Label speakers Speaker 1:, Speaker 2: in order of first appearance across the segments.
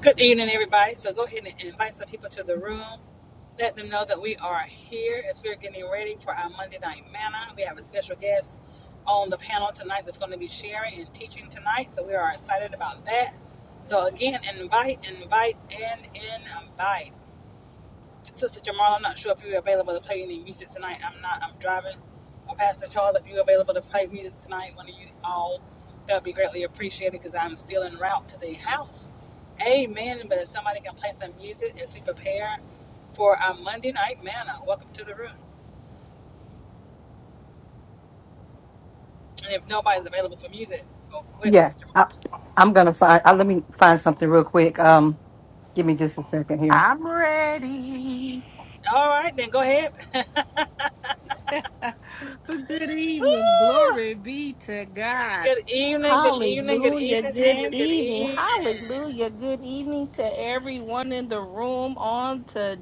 Speaker 1: Good evening, everybody. So go ahead and invite some people to the room. Let them know that we are here as we're getting ready for our Monday night manna. We have a special guest on the panel tonight that's going to be sharing and teaching tonight. So we are excited about that. So again, invite, invite, and invite. Sister Jamal, I'm not sure if you're available to play any music tonight. I'm not. I'm driving. Or Pastor Charles, if you're available to play music tonight, one of you all, that would be greatly appreciated because I'm still en route to the house. Amen. But if somebody can play some music as we prepare for our Monday night manna, welcome to the room. And if nobody's available for music, oh, where's the
Speaker 2: Yeah,
Speaker 1: sister?
Speaker 2: I, I'm gonna find. I, let me find something real quick. Um, give me just a second here.
Speaker 3: I'm ready.
Speaker 1: All right, then go ahead.
Speaker 3: good evening.
Speaker 1: Ooh,
Speaker 3: Glory be to God.
Speaker 1: good evening, good evening, good
Speaker 3: Hallelujah.
Speaker 1: evening,
Speaker 3: Good
Speaker 1: and good
Speaker 3: evening.
Speaker 1: evening.
Speaker 3: Hallelujah. Good evening to everyone in the room on to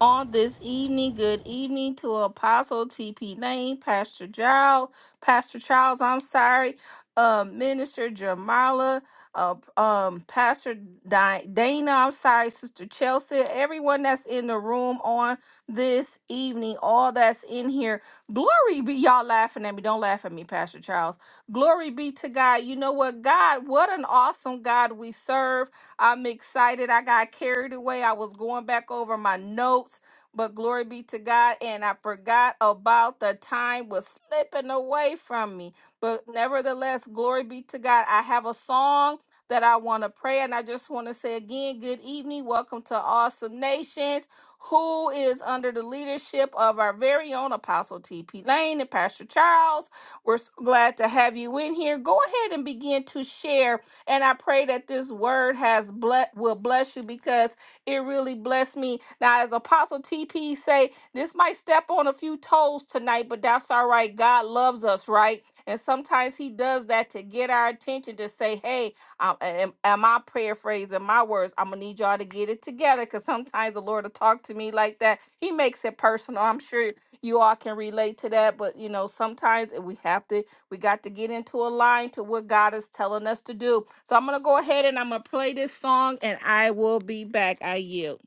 Speaker 3: on this evening. Good evening to Apostle TP Lane, Pastor Giles, Pastor Charles, I'm sorry, uh, Minister Jamala, uh, um, Pastor Di- Dana, I'm sorry, Sister Chelsea, everyone that's in the room on this evening, all that's in here. Glory be y'all laughing at me. Don't laugh at me, Pastor Charles. Glory be to God. You know what, God, what an awesome God we serve. I'm excited. I got carried away. I was going back over my notes, but glory be to God. And I forgot about the time was slipping away from me. But nevertheless, glory be to God. I have a song that I want to pray. And I just want to say again, good evening. Welcome to Awesome Nations who is under the leadership of our very own Apostle T.P. Lane and Pastor Charles. We're so glad to have you in here. Go ahead and begin to share. And I pray that this word has ble- will bless you because it really blessed me. Now, as Apostle TP say, this might step on a few toes tonight, but that's all right. God loves us, right? And sometimes he does that to get our attention to say, hey, um, and and my prayer phrase and my words? I'm gonna need y'all to get it together because sometimes the Lord will talk to me like that. He makes it personal. I'm sure you all can relate to that, but you know, sometimes we have to, we got to get into a line to what God is telling us to do. So I'm gonna go ahead and I'm gonna play this song and I will be back. I yield.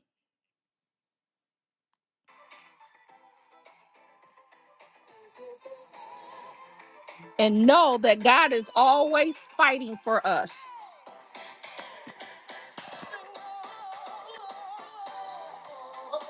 Speaker 3: And know that God is always fighting for us. God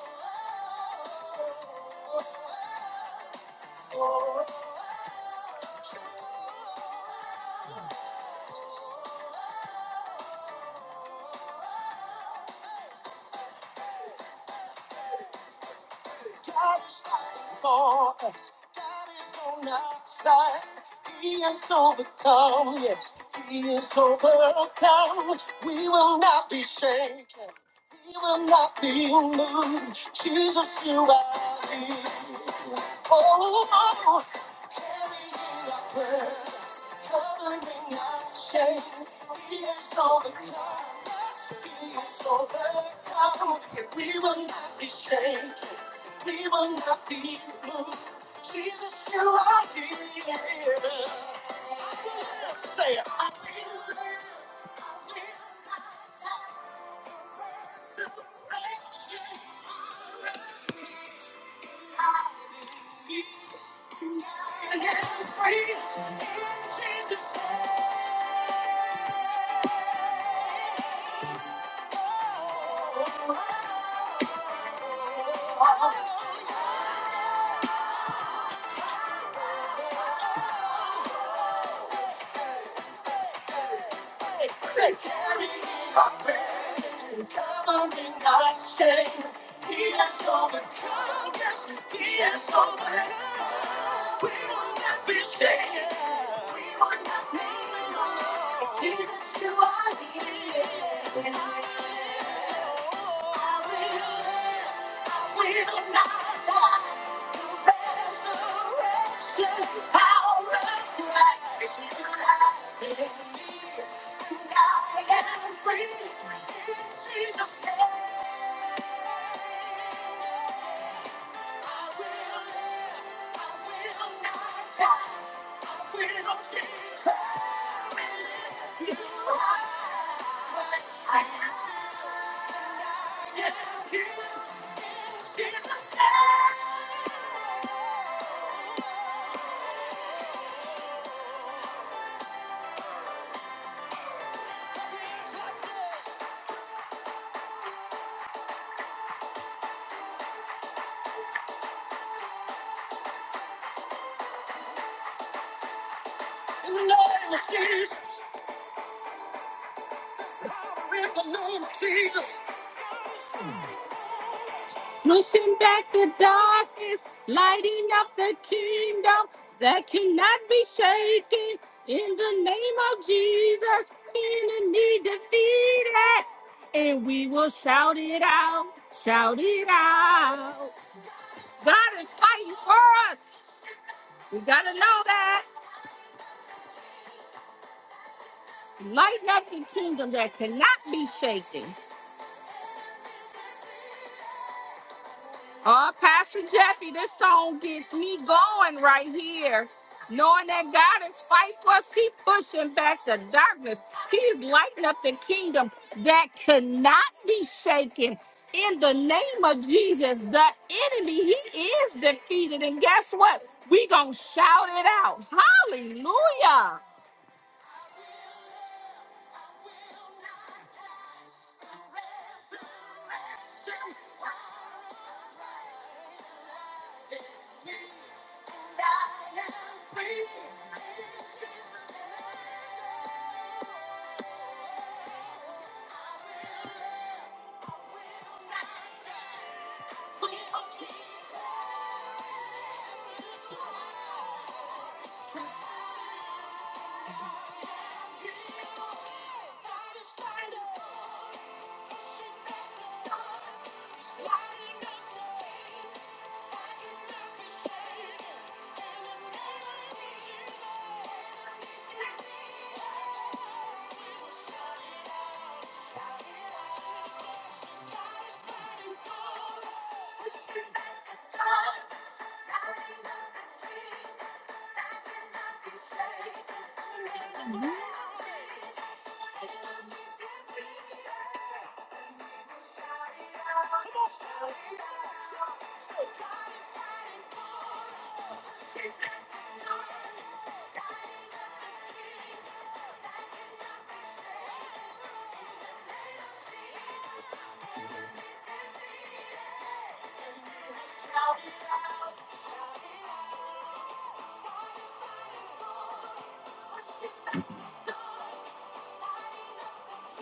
Speaker 3: is fighting for us. God is on our side. He is overcome. Yes, He is overcome. We will not be shaken. We will not be moved. Jesus, you are here. Oh, carrying our burdens, covering our shame. He has overcome. He has overcome. And we will not be shaken. We will not be moved. Jesus, you are here. Say, it. I feel like he's free. Jesus, He's carrying my burdens, covering my shame. He has overcome, yes, He has conquered. We will not be shaken. We will not be alone. Jesus, you are near. I will, I will not die. Yeah. In the name of Jesus. In the name of Jesus. Pushing back the darkness, lighting up the kingdom that cannot be shaken. In the name of Jesus, enemy defeated. And we will shout it out, shout it out. God is fighting for us. We gotta know that. Lighting up the kingdom that cannot be shaken. Oh, Pastor Jeffy, this song gets me going right here. Knowing that God is fight for us, keep pushing back the darkness. He is lighting up the kingdom that cannot be shaken. In the name of Jesus, the enemy, he is defeated. And guess what? We gonna shout it out. Hallelujah.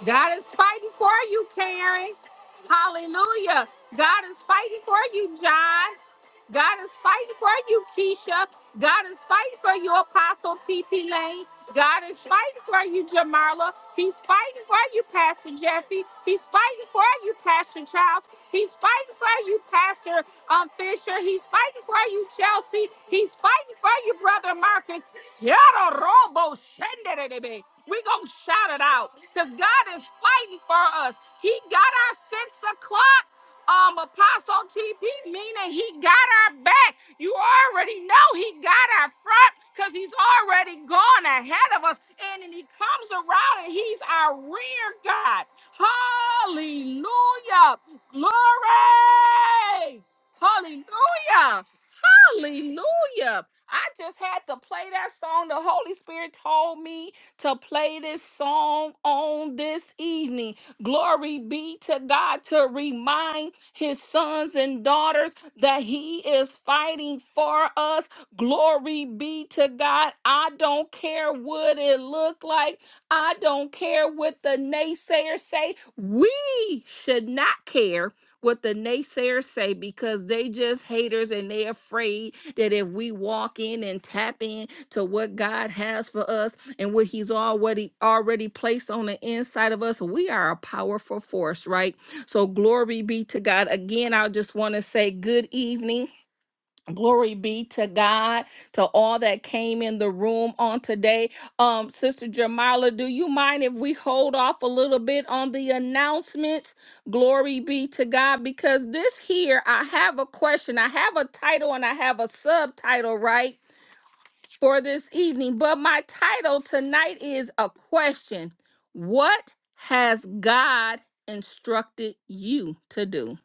Speaker 3: God is fighting for you, Karen. Hallelujah. God is fighting for you, John. God is fighting for you, Keisha. God is fighting for you, Apostle TP Lane. God is fighting for you, Jamarla. He's fighting for you, Pastor Jeffy. He's fighting for you, Pastor Charles. He's fighting for you, Pastor um, Fisher. He's fighting for you, Chelsea. He's fighting for you, Brother Marcus. Yada robo shenderebe. We gonna shout it out because God is fighting for us. He got our six o'clock. Um, Apostle TP, meaning he got our back. You already know he got our front because he's already gone ahead of us. And then he comes around and he's our rear God. Hallelujah. Glory. Hallelujah. Hallelujah. I just had to play that song. The Holy Spirit told me to play this song on this evening. Glory be to God to remind his sons and daughters that he is fighting for us. Glory be to God. I don't care what it look like. I don't care what the naysayers say. We should not care what the naysayers say because they just haters and they afraid that if we walk in and tap in to what God has for us and what he's already already placed on the inside of us, we are a powerful force, right? So glory be to God. Again, I just want to say good evening Glory be to God, to all that came in the room on today. Um, Sister Jamila, do you mind if we hold off a little bit on the announcements? Glory be to God, because this here, I have a question. I have a title and I have a subtitle, right, for this evening. But my title tonight is a question What has God instructed you to do?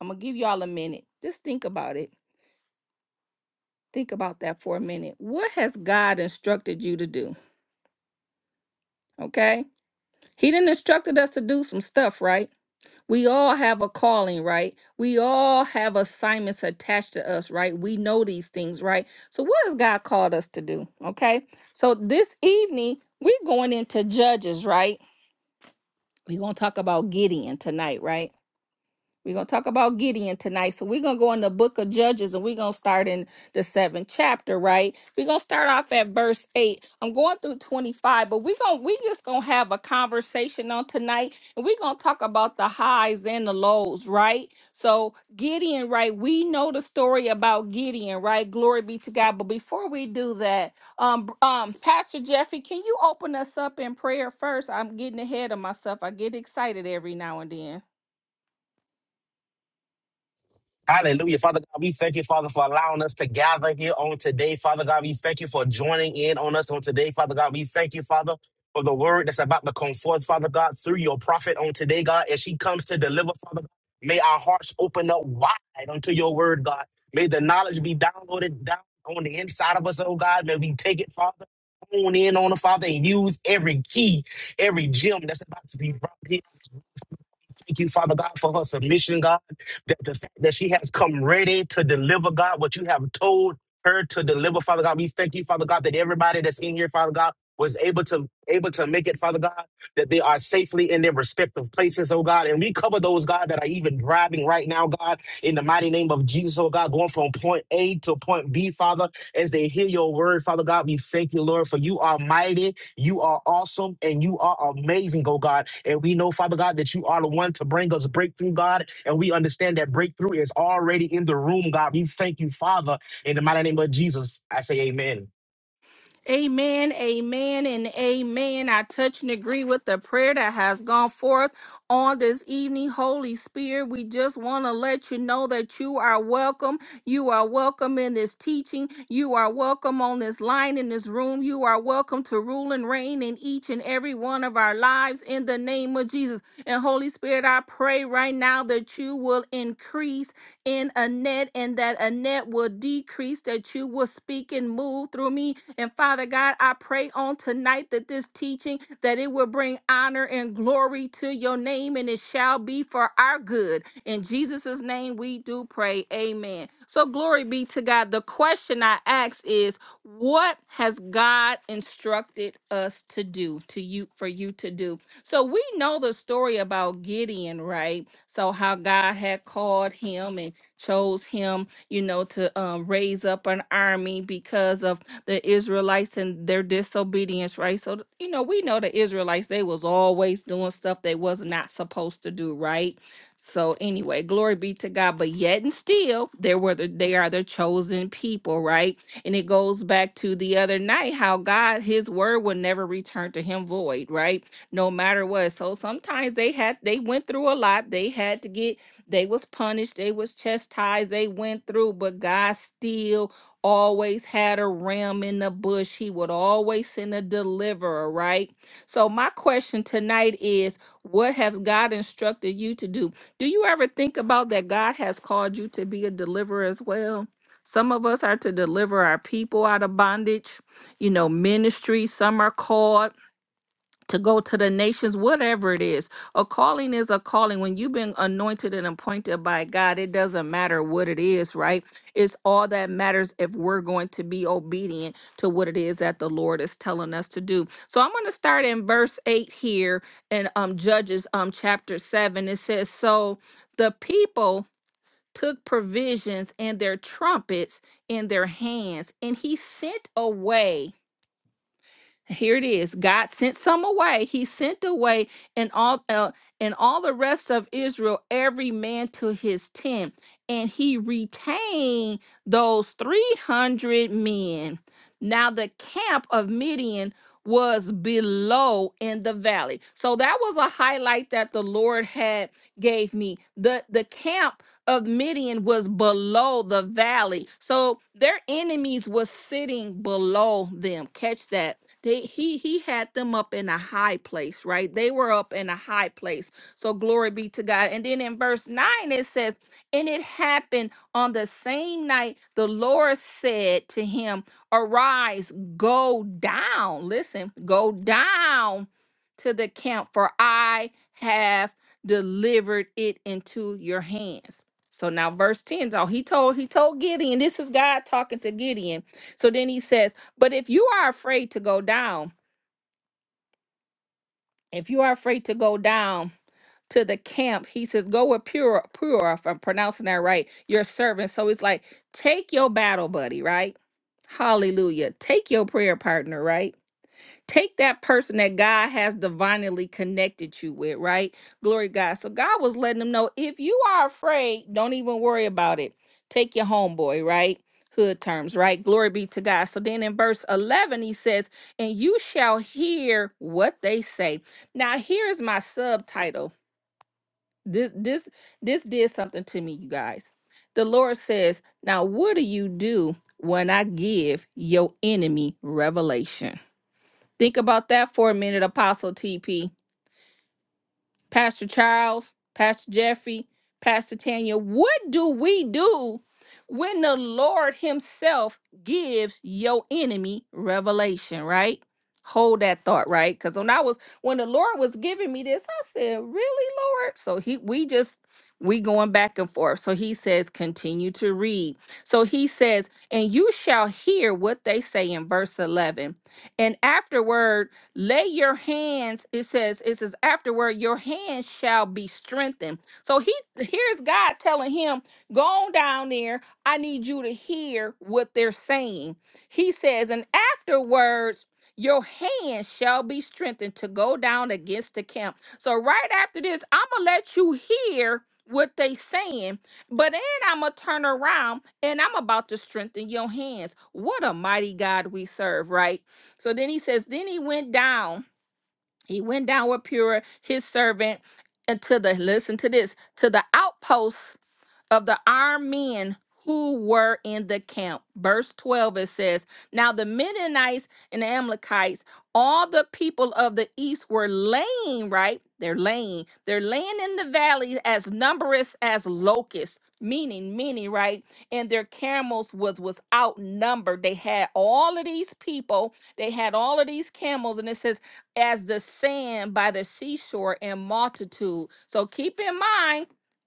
Speaker 3: I'm going to give y'all a minute. Just think about it. Think about that for a minute. What has God instructed you to do? Okay? He didn't instructed us to do some stuff, right? We all have a calling, right? We all have assignments attached to us, right? We know these things, right? So what has God called us to do? Okay? So this evening, we're going into Judges, right? We're going to talk about Gideon tonight, right? We're going to talk about Gideon tonight. So we're going to go in the book of Judges and we're going to start in the seventh chapter, right? We're going to start off at verse 8. I'm going through 25, but we're going to we just going to have a conversation on tonight and we're going to talk about the highs and the lows, right? So Gideon, right? We know the story about Gideon, right? Glory be to God. But before we do that, um um Pastor Jeffrey, can you open us up in prayer first? I'm getting ahead of myself. I get excited every now and then.
Speaker 4: Hallelujah. Father God, we thank you, Father, for allowing us to gather here on today. Father God, we thank you for joining in on us on today. Father God, we thank you, Father, for the word that's about to come forth, Father God, through your prophet on today, God. As she comes to deliver, Father God, may our hearts open up wide unto your word, God. May the knowledge be downloaded down on the inside of us, oh God. May we take it, Father. Hone in on it, Father, and use every key, every gem that's about to be brought here. Thank you, Father God, for her submission, God. That the fact that she has come ready to deliver, God, what you have told her to deliver, Father God. We thank you, Father God, that everybody that's in here, Father God, was able to able to make it, Father God, that they are safely in their respective places, oh God. And we cover those, God, that are even driving right now, God, in the mighty name of Jesus, oh God, going from point A to point B, Father as they hear your word, Father God. We thank you, Lord, for you are mighty, you are awesome, and you are amazing, oh God. And we know, Father God, that you are the one to bring us breakthrough, God. And we understand that breakthrough is already in the room, God. We thank you, Father, in the mighty name of Jesus. I say, Amen.
Speaker 3: Amen, amen, and amen. I touch and agree with the prayer that has gone forth on this evening. Holy Spirit, we just want to let you know that you are welcome. You are welcome in this teaching. You are welcome on this line in this room. You are welcome to rule and reign in each and every one of our lives in the name of Jesus. And Holy Spirit, I pray right now that you will increase in a net, and that a net will decrease, that you will speak and move through me. And Father God, I pray on tonight that this teaching, that it will bring honor and glory to your name and it shall be for our good. In Jesus' name we do pray. Amen. So glory be to God. The question I ask is, what has God instructed us to do to you for you to do? So we know the story about Gideon, right? So how God had called him and chose him, you know, to um, raise up an army because of the Israelites and their disobedience, right? So you know, we know the Israelites they was always doing stuff they was not supposed to do, right? So anyway, glory be to God. But yet and still, there were the, they are the chosen people, right? And it goes back to the other night how God, His word will never return to Him void, right? No matter what. So sometimes they had they went through a lot. They had to get they was punished. They was chastised. They went through, but God still always had a ram in the bush. He would always send a deliverer, right? So my question tonight is, what has God instructed you to do? Do you ever think about that God has called you to be a deliverer as well? Some of us are to deliver our people out of bondage, you know, ministry. Some are called to go to the nations, whatever it is. A calling is a calling. When you've been anointed and appointed by God, it doesn't matter what it is, right? It's all that matters if we're going to be obedient to what it is that the Lord is telling us to do. So I'm going to start in verse 8 here in um, Judges um, chapter 7. It says, So the people took provisions and their trumpets in their hands, and he sent away. Here it is. God sent some away. He sent away and all uh, and all the rest of Israel, every man to his tent, and he retained those 300 men. Now, the camp of Midian was below in the valley. So that was a highlight that the Lord had gave me. The the camp of Midian was below the valley. So their enemies was sitting below them. Catch that. They, he he had them up in a high place, right? They were up in a high place. So glory be to God. And then in verse 9 it says, "And it happened on the same night the Lord said to him, Arise, go down. Listen, go down to the camp, for I have delivered it into your hands. So now verse 10 is all he told he told Gideon, this is God talking to Gideon. So then he says, But if you are afraid to go down, if you are afraid to go down, to the camp. He says, Go with Pura, Pura, if I'm pronouncing that right, your servant. So it's like, take your battle buddy, right? Hallelujah. Take your prayer partner, right? Take that person that God has divinely connected you with, right? Glory to God. So God was letting them know if you are afraid, don't even worry about it. Take your homeboy, right? Hood terms, right? Glory be to God. So then in verse 11, he says, And you shall hear what they say. Now, here's my subtitle this this this did something to me, you guys. The Lord says, "Now what do you do when I give your enemy revelation?" Think about that for a minute, Apostle TP. Pastor Charles, Pastor Jeffrey, Pastor Tanya, what do we do when the Lord Himself gives your enemy revelation, right? Hold that thought, right? Because when I was when the Lord was giving me this, I said, Really, Lord? So he we just we going back and forth. So he says, continue to read. So he says, and you shall hear what they say in verse 11. And afterward, lay your hands, it says, it says, afterward, your hands shall be strengthened. So he here's God telling him, go on down there. I need you to hear what they're saying. He says, and afterwards, your hands shall be strengthened to go down against the camp. So right after this, I'm gonna let you hear what they saying, but then I'm gonna turn around and I'm about to strengthen your hands. What a mighty God we serve, right? So then he says, then he went down. He went down with Purah, his servant, and to the listen to this, to the outposts of the armed men who were in the camp. Verse 12 it says, Now the Midianites and the Amalekites, all the people of the east were laying, right? They're laying. They're laying in the valley as numerous as locusts, meaning many, right? And their camels was was outnumbered. They had all of these people, they had all of these camels, and it says, as the sand by the seashore in multitude. So keep in mind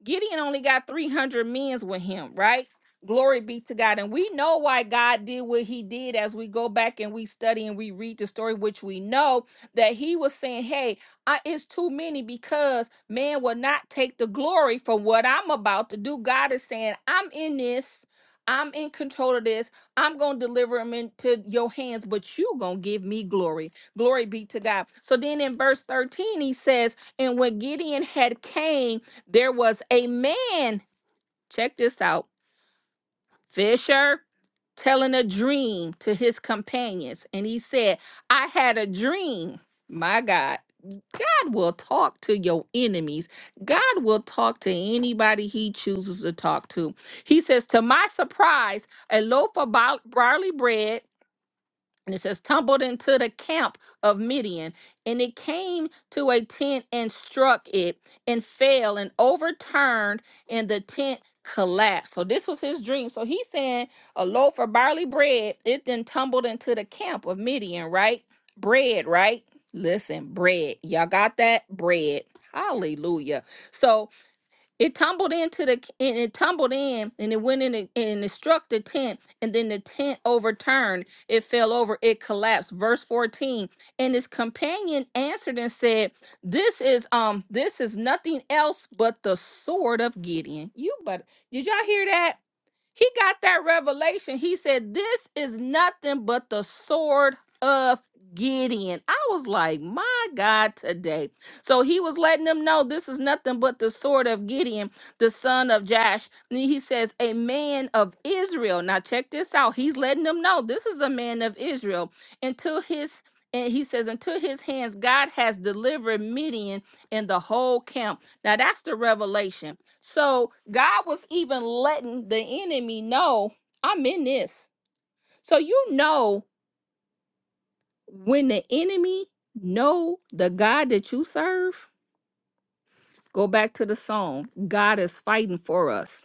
Speaker 3: Gideon only got 300 men with him, right? Glory be to God. And we know why God did what he did as we go back and we study and we read the story, which we know that he was saying, Hey, I, it's too many because man will not take the glory for what I'm about to do. God is saying, I'm in this. I'm in control of this. I'm going to deliver him into your hands, but you going to give me glory. Glory be to God. So then in verse 13, he says, And when Gideon had came, there was a man, check this out, Fisher, telling a dream to his companions. And he said, I had a dream. My God, God will talk to your enemies. God will talk to anybody he chooses to talk to. He says, To my surprise, a loaf of bar- barley bread and it says tumbled into the camp of midian and it came to a tent and struck it and fell and overturned and the tent collapsed so this was his dream so he's saying a loaf of barley bread it then tumbled into the camp of midian right bread right listen bread y'all got that bread hallelujah so it tumbled into the and it tumbled in and it went in and and it struck the tent and then the tent overturned. It fell over. It collapsed. Verse 14. And his companion answered and said, "This is um this is nothing else but the sword of Gideon." You but did y'all hear that? He got that revelation. He said, This is nothing but the sword of Gideon. I was like, My God, today. So he was letting them know this is nothing but the sword of Gideon, the son of Jash. And he says, A man of Israel. Now, check this out. He's letting them know this is a man of Israel until his. And he says, until his hands, God has delivered Midian and the whole camp. Now that's the revelation so God was even letting the enemy know I'm in this. So you know when the enemy know the God that you serve, go back to the song. God is fighting for us.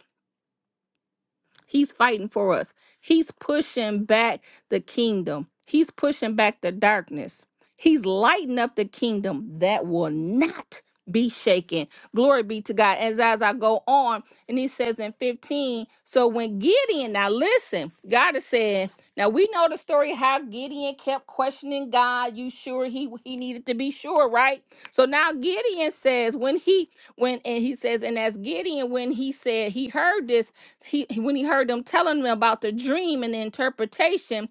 Speaker 3: He's fighting for us. He's pushing back the kingdom. He's pushing back the darkness. He's lighting up the kingdom that will not be shaken. Glory be to God. As as I go on, and he says in 15, so when Gideon, now listen, God is saying, now we know the story how Gideon kept questioning God. You sure he he needed to be sure, right? So now Gideon says when he when and he says, and as Gideon, when he said he heard this, he when he heard them telling him about the dream and the interpretation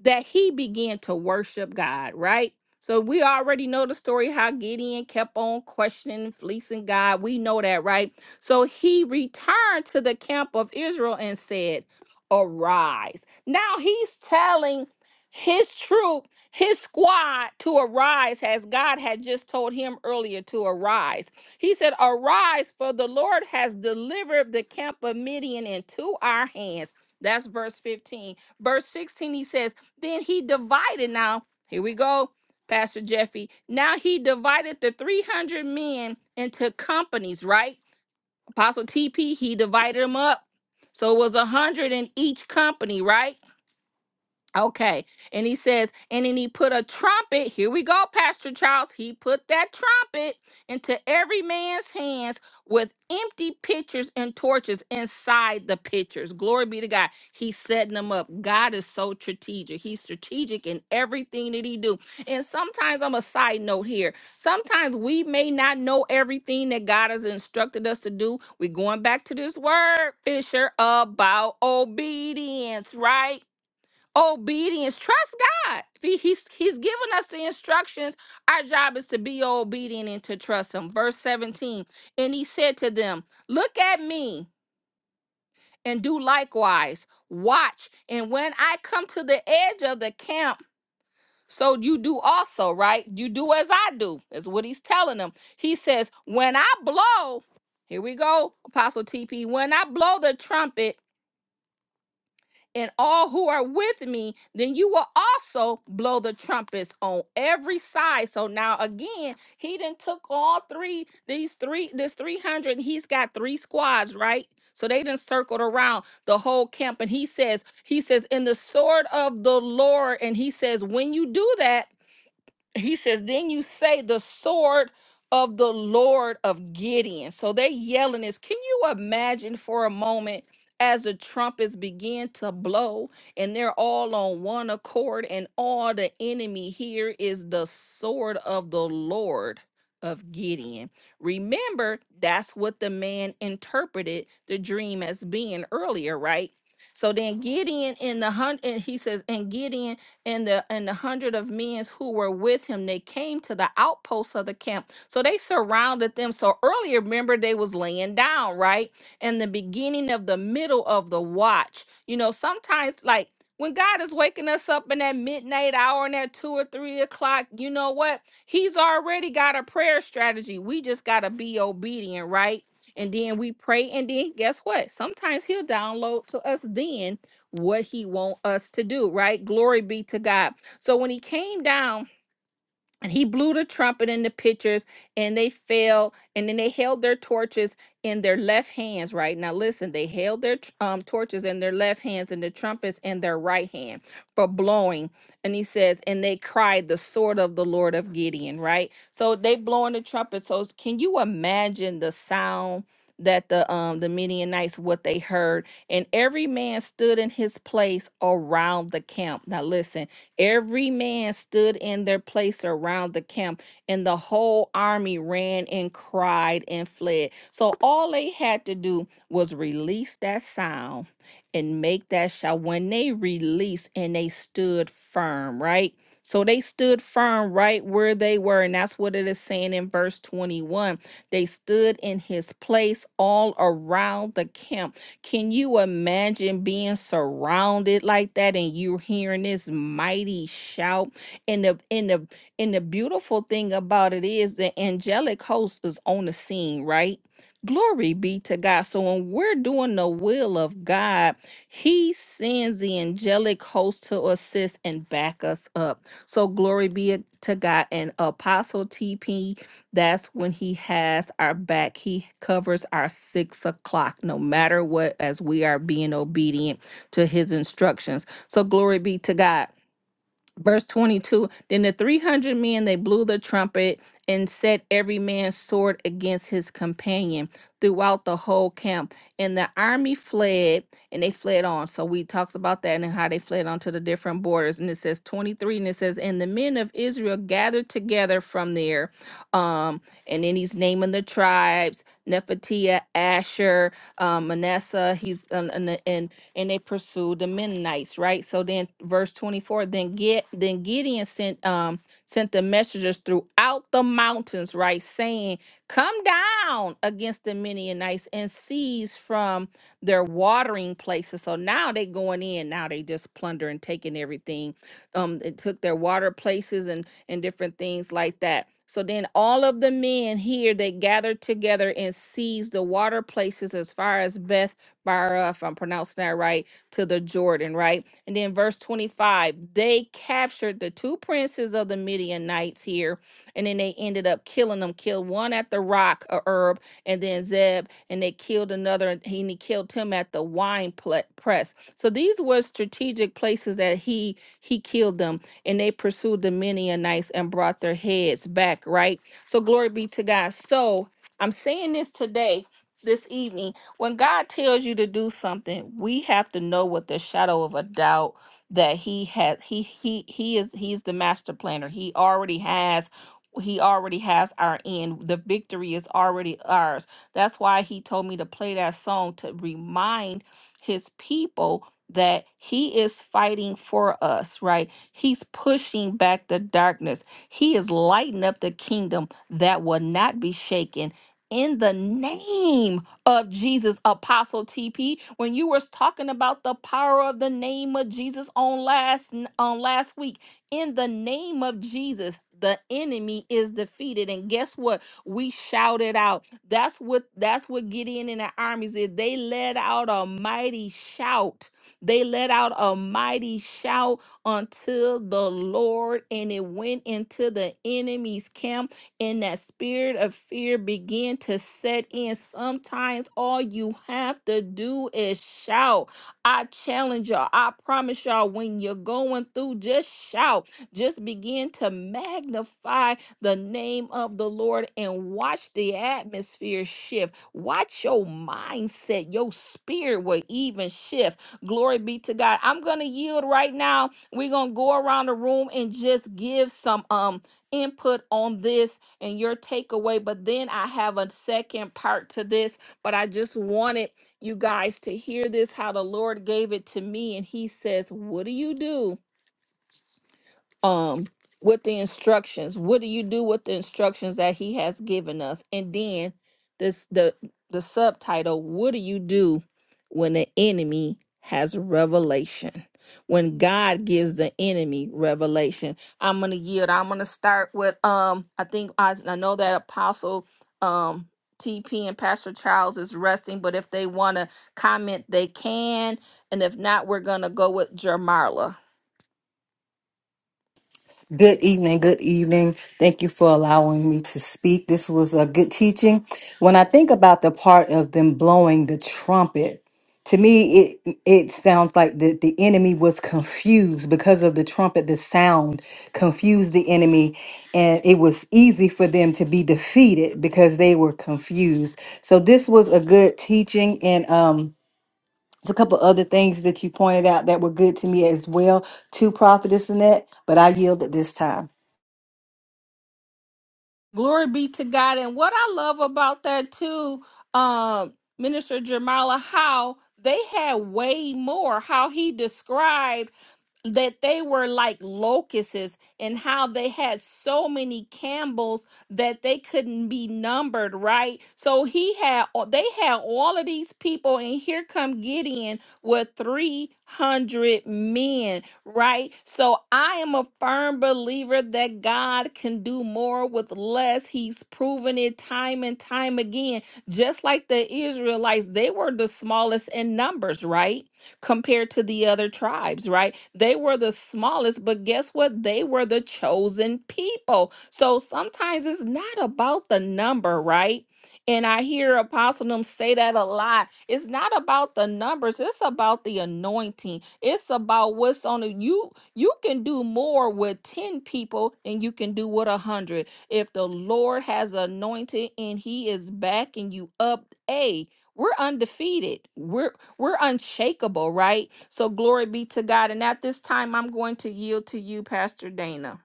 Speaker 3: that he began to worship God, right? So we already know the story how Gideon kept on questioning, and fleecing God. We know that, right? So he returned to the camp of Israel and said, Arise. Now he's telling his troop, his squad to arise, as God had just told him earlier to arise. He said, Arise, for the Lord has delivered the camp of Midian into our hands. That's verse 15. Verse 16, he says, Then he divided. Now, here we go, Pastor Jeffy. Now he divided the 300 men into companies, right? Apostle TP, he divided them up. So it was a 100 in each company, right? Okay. And he says, and then he put a trumpet. Here we go, Pastor Charles. He put that trumpet into every man's hands with empty pitchers and torches inside the pitchers. Glory be to God. He's setting them up. God is so strategic. He's strategic in everything that he do. And sometimes I'm a side note here. Sometimes we may not know everything that God has instructed us to do. We're going back to this word, Fisher, about obedience, right? obedience. Trust God. He- He's, he's given us the instructions. Our job is to be obedient and to trust Him. Verse 17, and He said to them, Look at me and do likewise. Watch. And when I come to the edge of the camp, so you do also, right? You do as I do, is what He's telling them. He says, When I blow, here we go, Apostle TP. When I blow the trumpet, and all who are with me, then you will also blow the trumpets on every side. So now again, he then took all three, these three, this 300, he's got three squads, right? So they then circled around the whole camp. And he says, he says, in the sword of the Lord. And he says, when you do that, he says, Then you say the sword of the Lord of Gideon. So they're yelling this. Can you imagine for a moment as the trumpets begin to blow and they're all on one accord, and all the enemy here is the sword of the Lord of Gideon? Remember, that's what the man interpreted the dream as being earlier, right? So then Gideon in the hunt, and he says, and Gideon and the and the hundred of men who were with him they came to the outposts of the camp so they surrounded them so earlier remember they was laying down right in the beginning of the middle of the watch you know sometimes like when god is waking us up in that midnight hour and that two or three o'clock you know what he's already got a prayer strategy we just got to be obedient right and then we pray and then guess what sometimes he'll download to us then what he want us to do, right? Glory be to God. So when he came down and he blew the trumpet in the pitchers and they fell and then they held their torches in their left hands right now listen they held their tr- um, torches in their left hands and the trumpets in their right hand for blowing and he says and they cried the sword of the lord of gideon right so they blowing the trumpet so can you imagine the sound that the um the midianites what they heard and every man stood in his place around the camp now listen Every man stood in their place around the camp, and the whole army ran and cried and fled. So all they had to do was release that sound and make that shout. When they released and they stood firm, right? So they stood firm right where they were. And that's what it is saying in verse 21. They stood in his place all around the camp can you imagine being surrounded like that and you're hearing this mighty shout? And the and the and the beautiful thing about it is the angelic host is on the scene, right? Glory be to God. So when we're doing the will of God, He sends the angelic host to assist and back us up. So glory be to God. And Apostle TP that's when he has our back. He covers our six o'clock, no matter what, as we are being obedient to his instructions. So, glory be to God verse 22 then the 300 men they blew the trumpet and set every man's sword against his companion throughout the whole camp and the army fled and they fled on so we talked about that and how they fled on to the different borders and it says 23 and it says and the men of israel gathered together from there um and then he's naming the tribes Nefertia, Asher, um, Manasseh. He's and, and and and they pursued the Mennonites, right? So then, verse twenty four. Then get then Gideon sent um sent the messengers throughout the mountains, right, saying, "Come down against the Mennonites and seize from their watering places." So now they going in. Now they just plundering, taking everything um it took their water places and and different things like that so then all of the men here they gathered together and seized the water places as far as beth barah if i'm pronouncing that right to the jordan right and then verse 25 they captured the two princes of the midianites here and then they ended up killing them killed one at the rock of herb and then zeb and they killed another and he and he killed him at the wine pla- press so these were strategic places that he he killed them, and they pursued the Midianites and brought their heads back, right? So glory be to God. So I'm saying this today, this evening, when God tells you to do something, we have to know with the shadow of a doubt that he has he he he is he's the master planner. He already has he already has our end. The victory is already ours. That's why he told me to play that song to remind his people that he is fighting for us, right? He's pushing back the darkness. He is lighting up the kingdom that will not be shaken. In the name of Jesus, Apostle TP, when you were talking about the power of the name of Jesus on last on last week, in the name of Jesus, the enemy is defeated. And guess what? We shouted out. That's what that's what Gideon and the armies did. They let out a mighty shout they let out a mighty shout unto the Lord, and it went into the enemy's camp, and that spirit of fear began to set in. Sometimes all you have to do is shout. I challenge y'all. I promise y'all, when you're going through, just shout. Just begin to magnify the name of the Lord and watch the atmosphere shift. Watch your mindset, your spirit will even shift Glory be to God. I'm going to yield right now. We're going to go around the room and just give some um input on this and your takeaway, but then I have a second part to this, but I just wanted you guys to hear this how the Lord gave it to me and he says, "What do you do?" um with the instructions what do you do with the instructions that he has given us and then this the the subtitle what do you do when the enemy has revelation when god gives the enemy revelation i'm gonna yield i'm gonna start with um i think i, I know that apostle um TP and Pastor Charles is resting, but if they want to comment, they can. And if not, we're going to go with Jermarla.
Speaker 2: Good evening. Good evening. Thank you for allowing me to speak. This was a good teaching. When I think about the part of them blowing the trumpet, to me it it sounds like the, the enemy was confused because of the trumpet the sound confused the enemy and it was easy for them to be defeated because they were confused so this was a good teaching and um There's a couple other things that you pointed out that were good to me as well, to Prophetess Annette, but I yield at this time.
Speaker 3: Glory be to God. And what I love about that too, um, Minister Jamala, how they had way more, how he described that they were like locusts and how they had so many camels that they couldn't be numbered right so he had they had all of these people and here come gideon with 300 men right so i am a firm believer that god can do more with less he's proven it time and time again just like the israelites they were the smallest in numbers right compared to the other tribes, right? They were the smallest, but guess what? They were the chosen people. So sometimes it's not about the number, right? And I hear Apostle them say that a lot. It's not about the numbers. It's about the anointing. It's about what's on it. You you can do more with 10 people than you can do with a hundred. If the Lord has anointed and he is backing you up, A, we're undefeated. We're we're unshakable, right? So glory be to God. And at this time, I'm going to yield to you, Pastor Dana.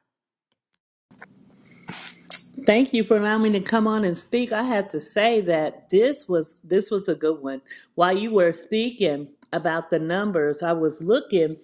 Speaker 5: Thank you for allowing me to come on and speak. I have to say that this was this was a good one. While you were speaking about the numbers, I was looking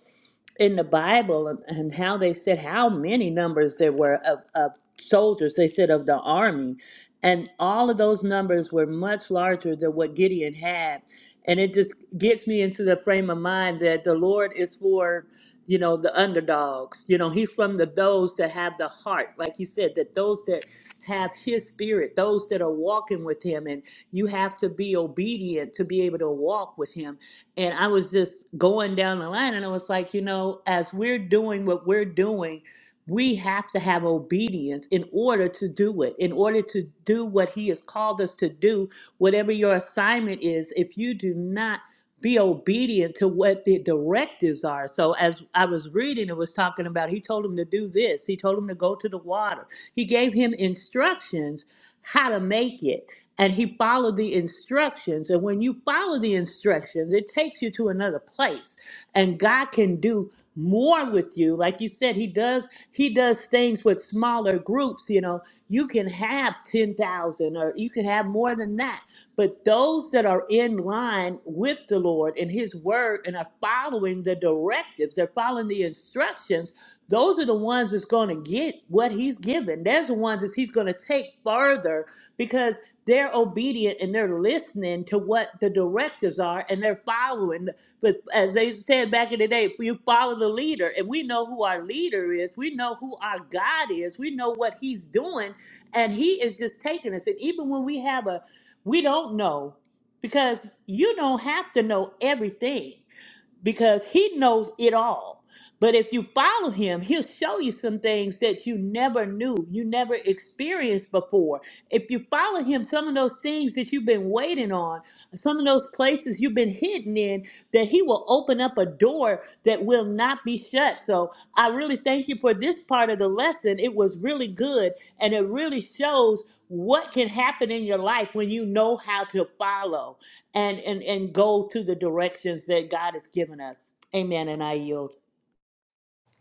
Speaker 5: in the Bible and, and how they said how many numbers there were of, of soldiers. They said of the army, and all of those numbers were much larger than what Gideon had. And it just gets me into the frame of mind that the Lord is for you know, the underdogs. You know, he's from the those that have the heart, like you said, that those that have his spirit, those that are walking with him, and you have to be obedient to be able to walk with him. And I was just going down the line and I was like, you know, as we're doing what we're doing, we have to have obedience in order to do it, in order to do what he has called us to do, whatever your assignment is. If you do not be obedient to what the directives are. So as I was reading, it was talking about he told him to do this, he told him to go to the water. He gave him instructions how to make it. And he followed the instructions. And when you follow the instructions, it takes you to another place. And God can do more with you. Like you said, he does he does things with smaller groups, you know. You can have 10,000 or you can have more than that. But those that are in line with the Lord and his word and are following the directives, they're following the instructions, those are the ones that's going to get what he's given. They're the ones that he's going to take further because they're obedient and they're listening to what the directives are and they're following. But as they said back in the day, you follow the leader, and we know who our leader is. We know who our God is. We know what He's doing, and He is just taking us. And even when we have a, we don't know, because you don't have to know everything because he knows it all. But if you follow him, he'll show you some things that you never knew, you never experienced before. If you follow him, some of those things that you've been waiting on, some of those places you've been hidden in, that he will open up a door that will not be shut. So I really thank you for this part of the lesson. It was really good and it really shows what can happen in your life when you know how to follow and and and go to the directions that God has given us. Amen. And I yield.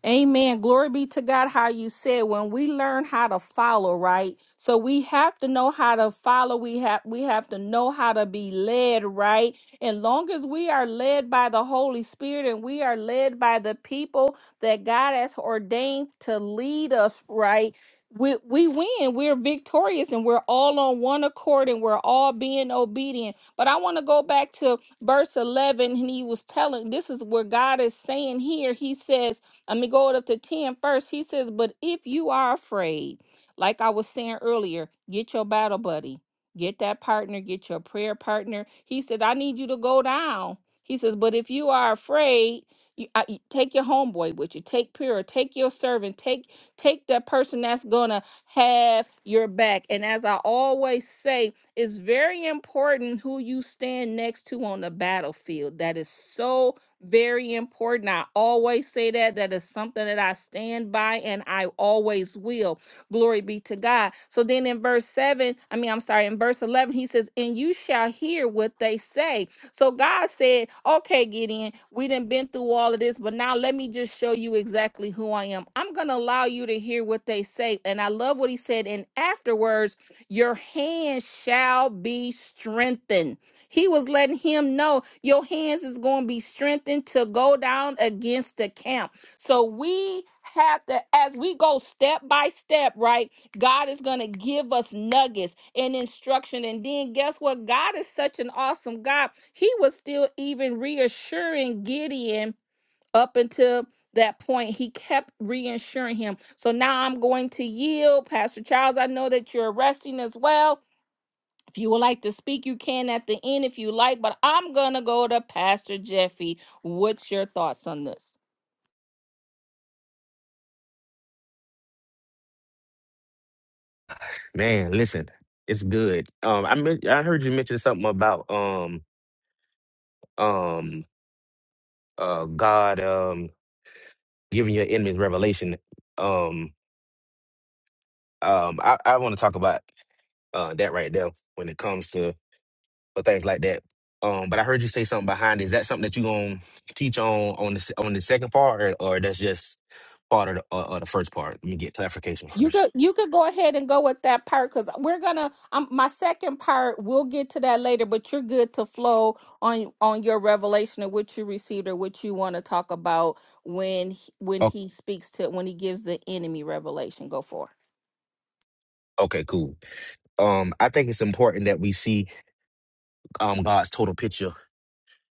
Speaker 3: Amen. Glory be to God. How you said when we learn how to follow, right? So we have to know how to follow. We have we have to know how to be led, right? And long as we are led by the Holy Spirit and we are led by the people that God has ordained to lead us, right? We, we win. We're victorious and we're all on one accord and we're all being obedient. But I want to go back to verse 11, and he was telling this is where God is saying here. He says, let me go up to 10 first. He says, But if you are afraid, like I was saying earlier, get your battle buddy, get that partner, get your prayer partner. He said, I need you to go down. He says, But if you are afraid, you, I, you- take your homeboy with you, take Pyrrha, take your servant, take take that person that's gonna have your back. And as I always say, it's very important who you stand next to on the battlefield. That is so very important. I always say that. That is something that I stand by and I always will. Glory be to God. So then in verse 7, I mean, I'm sorry, in verse 11, he says, And you shall hear what they say. So God said, Okay, Gideon, we done been through all of this, but now let me just show you exactly who I am. I'm going to allow you to hear what they say. And I love what he said. And afterwards, your hand shall be strengthened. He was letting him know your hands is going to be strengthened to go down against the camp. So we have to, as we go step by step, right? God is going to give us nuggets and instruction. And then guess what? God is such an awesome God. He was still even reassuring Gideon up until that point. He kept reassuring him. So now I'm going to yield. Pastor Charles, I know that you're resting as well. If you would like to speak, you can at the end if you like, but I'm gonna go to Pastor Jeffy. What's your thoughts on this?
Speaker 4: Man, listen, it's good. Um, I men- I heard you mention something about um um uh God um giving your enemies revelation. Um, um, I, I want to talk about uh that right there when it comes to or things like that. Um, but I heard you say something behind. it. Is that something that you gonna teach on on the s- on the second part, or, or that's just part of the uh, uh, the first part? Let me get clarification
Speaker 3: You
Speaker 4: first.
Speaker 3: could you could go ahead and go with that part because we're gonna um my second part, we'll get to that later, but you're good to flow on on your revelation of what you received or what you want to talk about when he- when
Speaker 4: Oh,
Speaker 3: he speaks to when he gives the enemy revelation. Go for it.
Speaker 4: okay, cool. Um, I think it's important that we see um God's total picture.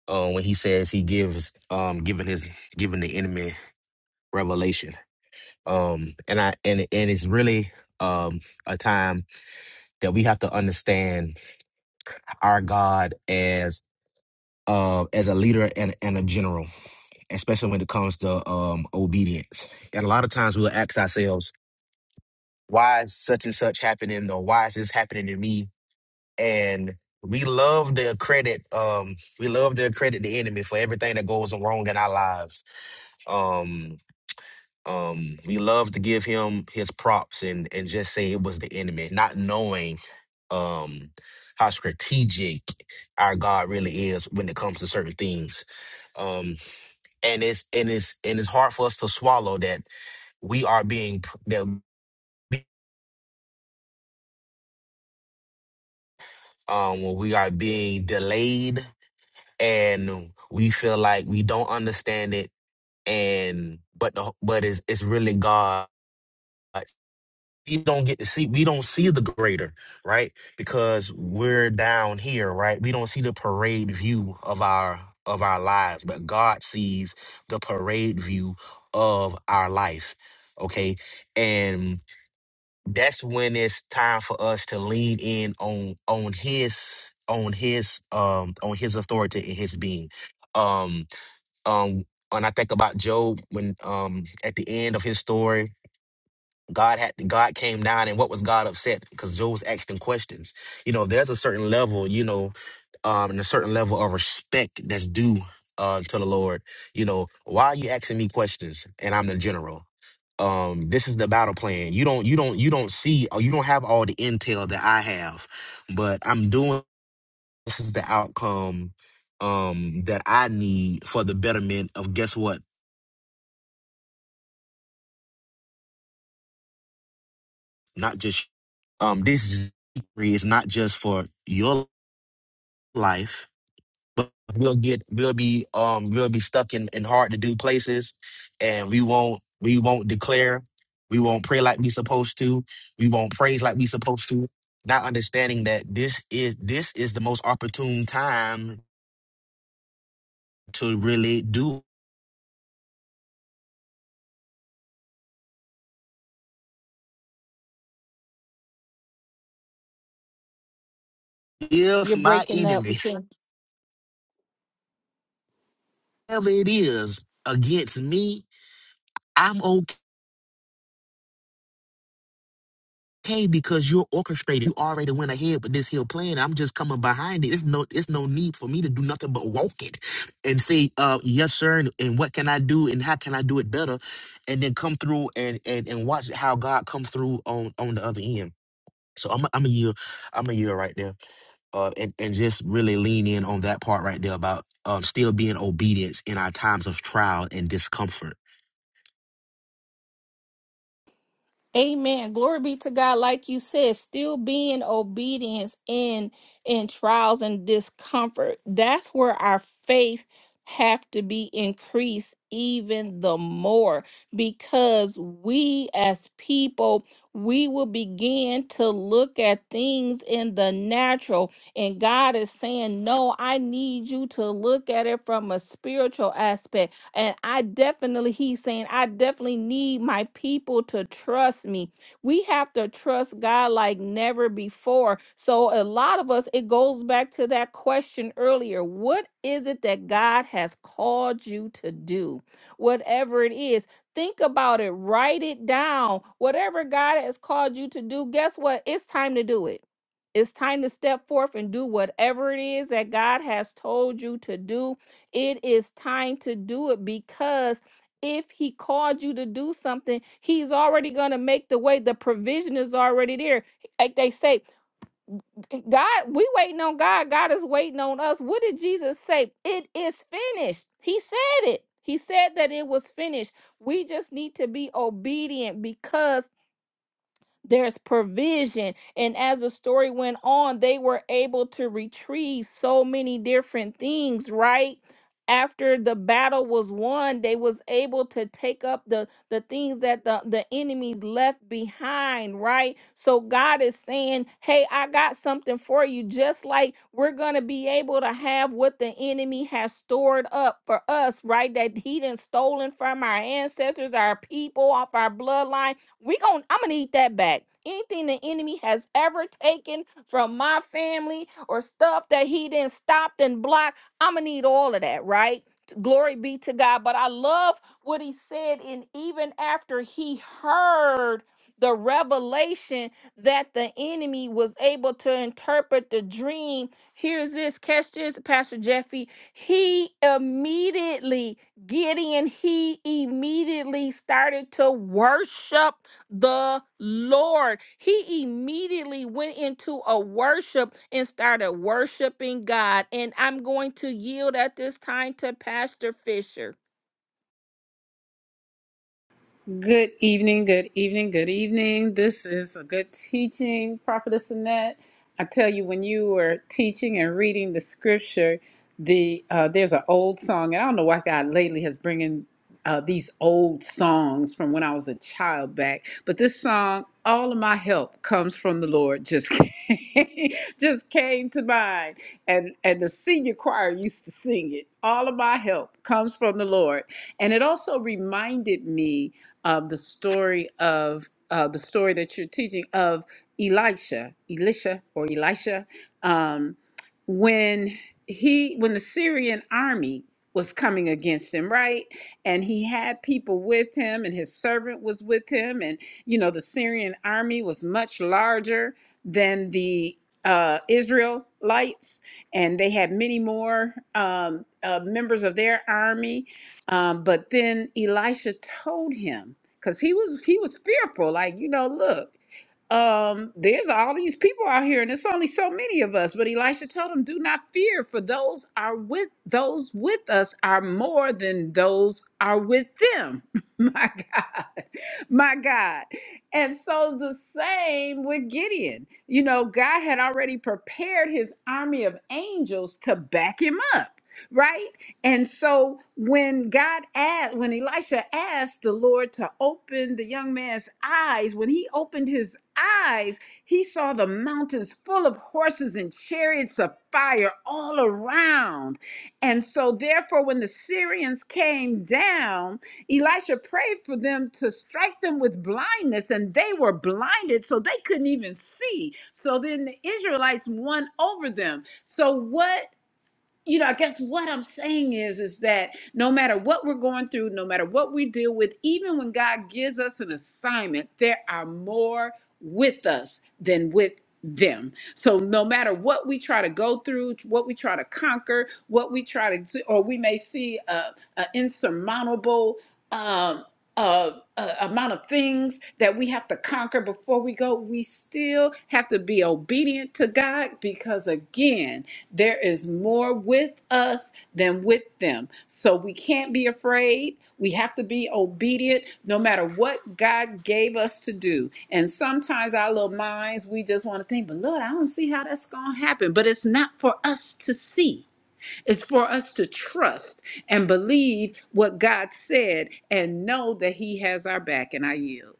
Speaker 4: Uh, when He says He gives um giving His giving the enemy revelation. Um, and I and and it's really um a time that we have to understand our God as uh, as a leader and, and a general, especially when it comes to um, obedience. And a lot of times we'll ask ourselves, why is such and such happening or why is this happening to me? And we love to credit um we love to credit the enemy for everything that goes wrong in our lives. Um, um we love to give him his props and and just say it was the enemy not knowing um how strategic our god really is when it comes to certain things um and it's and it's and it's hard for us to swallow that we are being p- that we- um when we are being delayed and we feel like we don't understand it and but the, but it's it's really god we don't get to see we don't see the greater right because we're down here right we don't see the parade view of our of our lives but god sees the parade view of our life okay and that's when it's time for us to lean in on on his on his um on his authority and his being um um when i think about job when um at the end of his story God had God came down, and what was God upset? Because Job was asking questions. You know, there's a certain level, you know, um, and a certain level of respect that's due uh, to the Lord. You know, why are you asking me questions? And I'm the general. Um, this is the battle plan. You don't, you don't, you don't see, or you don't have all the intel that I have, but I'm doing. This is the outcome um, that I need for the betterment of guess what? Not just um, this victory is not just for your life, but we'll get we'll be um we'll be stuck in, in hard to do places and we won't we won't declare, we won't pray like we supposed to, we won't praise like we supposed to, not understanding that this is this is the most opportune time to really do if
Speaker 3: You're
Speaker 4: my
Speaker 3: breaking up. We
Speaker 4: enemy,
Speaker 3: can
Speaker 4: whatever it is against me, I'm okay okay because you're orchestrated. You already went ahead with this here plan. I'm just coming behind it. It's no it's no need for me to do nothing but walk it and say, uh, yes, sir, and, and what can I do and how can I do it better? And then come through and and, and watch how God come through on on the other end. So I'm a, I'm a year, I'm a year right there. Uh, and, and just really lean in on that part right there about um, still being obedience in our times of trial and discomfort.
Speaker 3: Amen. Glory be to God. Like you said, still being obedience in in trials and discomfort. That's where our faith have to be increased even the more because we as people we will begin to look at things in the natural and God is saying no I need you to look at it from a spiritual aspect and I definitely, he's saying, I definitely need my people to trust me. We have to trust God like never before. So, a lot of us, it goes back to that question earlier what is it that God has called you to do? Whatever it is, think about it, write it down. Whatever God has called you to do, guess what? It's time to do it. It's time to step forth and do whatever it is that God has told you to do it is time to do it because if he called you to do something, he's already going to make the way. The provision is already there. Like they say, God, we waiting on God. God is waiting on us. What did Jesus say? It is finished. He said it. He said that it was finished. We just need to be obedient because there's provision. And as the story went on, they were able to retrieve so many different things, right? After the battle was won, they was able to take up the the things that the, the enemies left behind, right? So God is saying, Hey, I got something for you. Just like we're gonna be able to have what the enemy has stored up for us, right? That he done stolen from our ancestors, our people, off our bloodline we gon' I'm gonna need that back. Anything the enemy has ever taken from my family or stuff that he didn't stop and block, I'm gonna need all of that, right? Glory be to God. But I love what he said, and even after he heard the revelation that the enemy was able to interpret the dream. Here's this, catch this, Pastor Jeffy. He immediately Gideon, he immediately started to worship the Lord. He immediately went into a worship and started worshiping God. And I'm going to yield at this time to Pastor Fisher.
Speaker 6: Good evening, good evening, good evening. This is a good teaching, Prophetess Annette. I tell you, when you were teaching and reading the scripture, the uh, there's an old song, and I don't know why God lately has bringing uh, these old songs from when I was a child back. But this song, "All of My Help Comes from the Lord," just came, just came to mind, and and the senior choir used to sing it. All of my help comes from the Lord, and it also reminded me um, the story of uh, the story that you're teaching of Elisha, Elisha or Elisha, um, when he when the Syrian army was coming against him, right? And he had people with him, and his servant was with him, and you know the Syrian army was much larger than the uh, Israelites, and they had many more um, uh, members of their army um, but then Elisha told him, because he was he was fearful, like, you know, look, um, there's all these people out here, and it's only so many of us. But Elisha told him, Do not fear, for those are with those with us are more than those are with them. my God, my God. And so the same with Gideon. You know, God had already prepared his army of angels to back him up right? And so when God asked, when Elisha asked the Lord to open the young man's eyes, when he opened his eyes, he saw the mountains full of horses and chariots of fire all around. And so therefore, when the Syrians came down, Elisha prayed for them to strike them with blindness, and they were blinded, so they couldn't even see. So then the Israelites won over them. So what you know, I guess what I'm saying is, is that no matter what we're going through, no matter what we deal with, even when God gives us an assignment, there are more with us than with them. So no matter what we try to go through, what we try to conquer, what we try to, do, or we may see a, a insurmountable um, uh, uh, amount of things that we have to conquer before we go, we still have to be obedient to God because again there is more with us than with them. So we can't be afraid. We have to be obedient no matter what God gave us to do. And sometimes our little minds, we just want to think, but Lord, I don't see how that's going to happen. But it's not for us to see, it's for us to trust and believe what God said and know that He has our back. And I yield.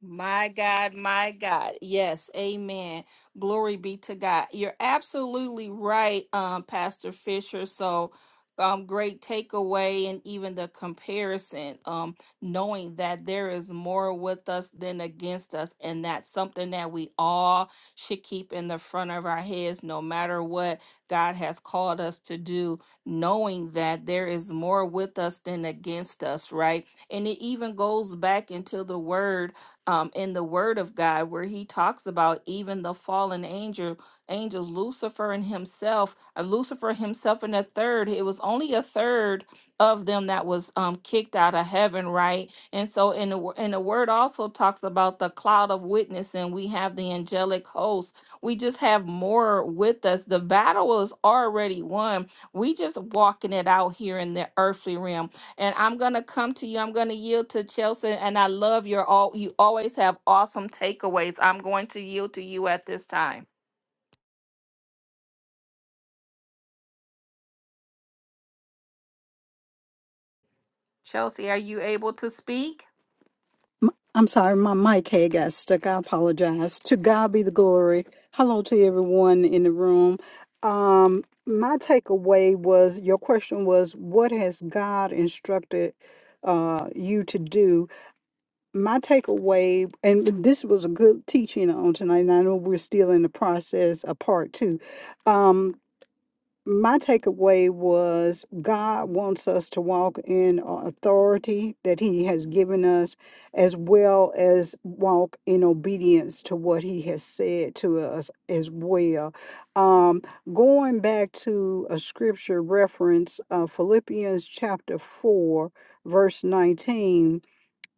Speaker 3: My God, my God. Yes, amen. Glory be to God. You're absolutely right, um, Pastor Fisher. So, um, great takeaway and even the comparison, um, knowing that there is more with us than against us. And that's something that we all should keep in the front of our heads, no matter what God has called us to do, knowing that there is more with us than against us, right? And it even goes back into the word um, in the Word of God, where he talks about even the fallen angel, angels, Lucifer and himself, uh, Lucifer himself, and a third. It was only a third of them that was um, kicked out of heaven, right? And so, in the wo- and the Word also talks about the cloud of witness, and we have the angelic host. We just have more with us. The battle is already won. We just walking it out here in the earthly realm and I'm gonna come to you. I'm gonna yield to Chelsea, and I love your all. You always have awesome takeaways. I'm going to yield to you at this time. Chelsea, are you able to speak?
Speaker 7: M- I'm sorry, my mic had got stuck. I apologize. To God be the glory. Hello to everyone in the room. Um, my takeaway was your question was, what has God instructed uh, you to do? My takeaway, and this was a good teaching on tonight, and I know we're still in the process of part two. Um, my takeaway was God wants us to walk in uh, authority that He has given us, as well as walk in obedience to what He has said to us as well. Um, going back to a scripture reference, uh, Philippians chapter 4, verse 19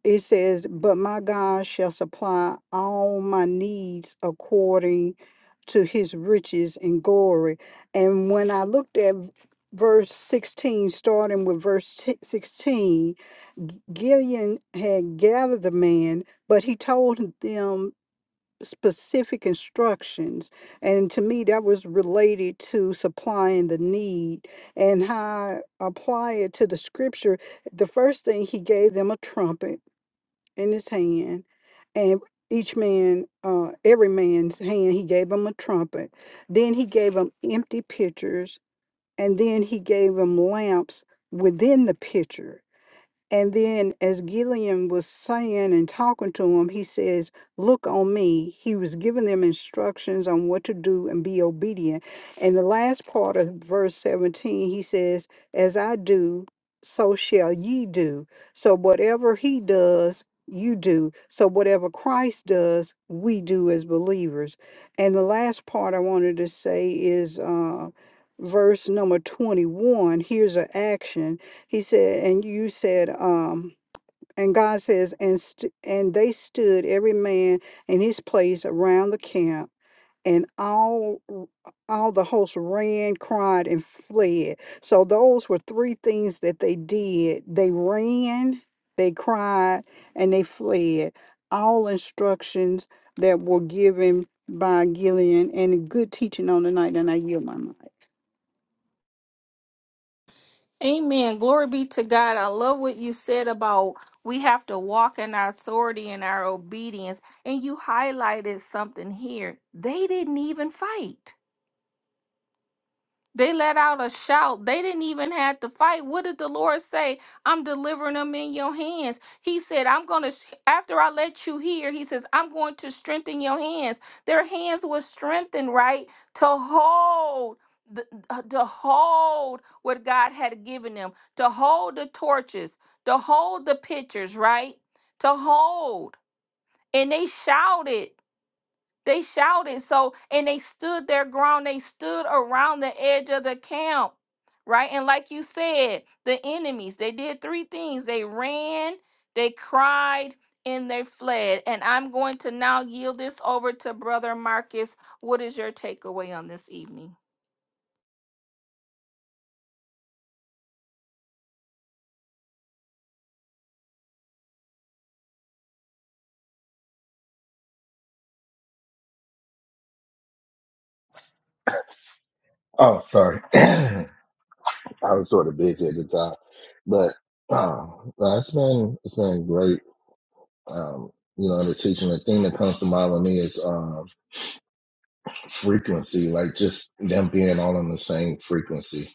Speaker 7: it says, But my God shall supply all my needs according to his riches and glory. And when I looked at v- verse 16, starting with verse t- 16, G- Gideon had gathered the man, but he told them specific instructions. And to me, that was related to supplying the need. And how I apply it to the scripture, the first thing he gave them a trumpet in his hand, and each man, uh, every man's hand, he gave him a trumpet. Then he gave him empty pitchers, and then he gave him lamps within the pitcher and then, as Gillian was saying and talking to him, he says, Look on me. He was giving them instructions on what to do and be obedient. And the last part of verse 17, he says, As I do, so shall ye do. So, whatever he does, you do. So, whatever Christ does, we do as believers. And the last part I wanted to say is uh, verse number 21. Here's an action he said, and you said, um, and God says, and st- and they stood every man in his place around the camp, and all all the hosts ran, cried, and fled. So those were three things that they did. They ran, they cried, and they fled. All instructions that were given by Gillian and good teaching on the night, and I yield my mind.
Speaker 3: Amen. Glory be to God. I love what you said about we have to walk in our authority and our obedience. And you highlighted something here. They didn't even fight. They let out a shout. They didn't even have to fight. What did the Lord say? I'm delivering them in your hands. He said, I'm going to, after I let you hear, He says, I'm going to strengthen your hands. Their hands were strengthened, right? To hold. The, uh, to hold what God had given them, to hold the torches, to hold the pitchers, right? To hold. And they shouted. They shouted. So, and they stood their ground. They stood around the edge of the camp, right? And like you said, the enemies, they did three things they ran, they cried, and they fled. And I'm going to now yield this over to Brother Marcus. What is your takeaway on this evening?
Speaker 8: Oh, sorry. I was sort of busy at the time, but oh, uh, no, it's been it's been great. Um, you know, the teaching. The thing that comes to mind with me is um, frequency, like just them being all on the same frequency,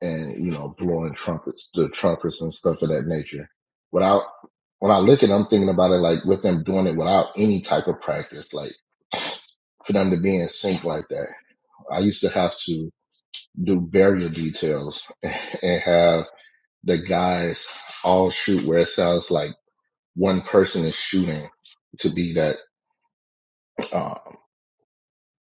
Speaker 8: and you know, blowing trumpets, the trumpets and stuff of that nature. Without when I look at, it, I'm thinking about it like with them doing it without any type of practice, like for them to be in sync like that. I used to have to do burial details and have the guys all shoot where it sounds like one person is shooting to be that uh,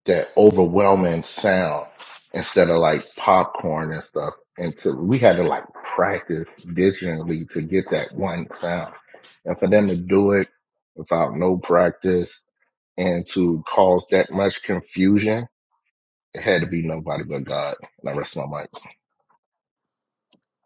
Speaker 8: that overwhelming sound instead of like popcorn and stuff. And to we had to like practice digitally to get that one sound, and for them to do it without no practice and to cause that much confusion, it had to be nobody but God. And I rest my mind.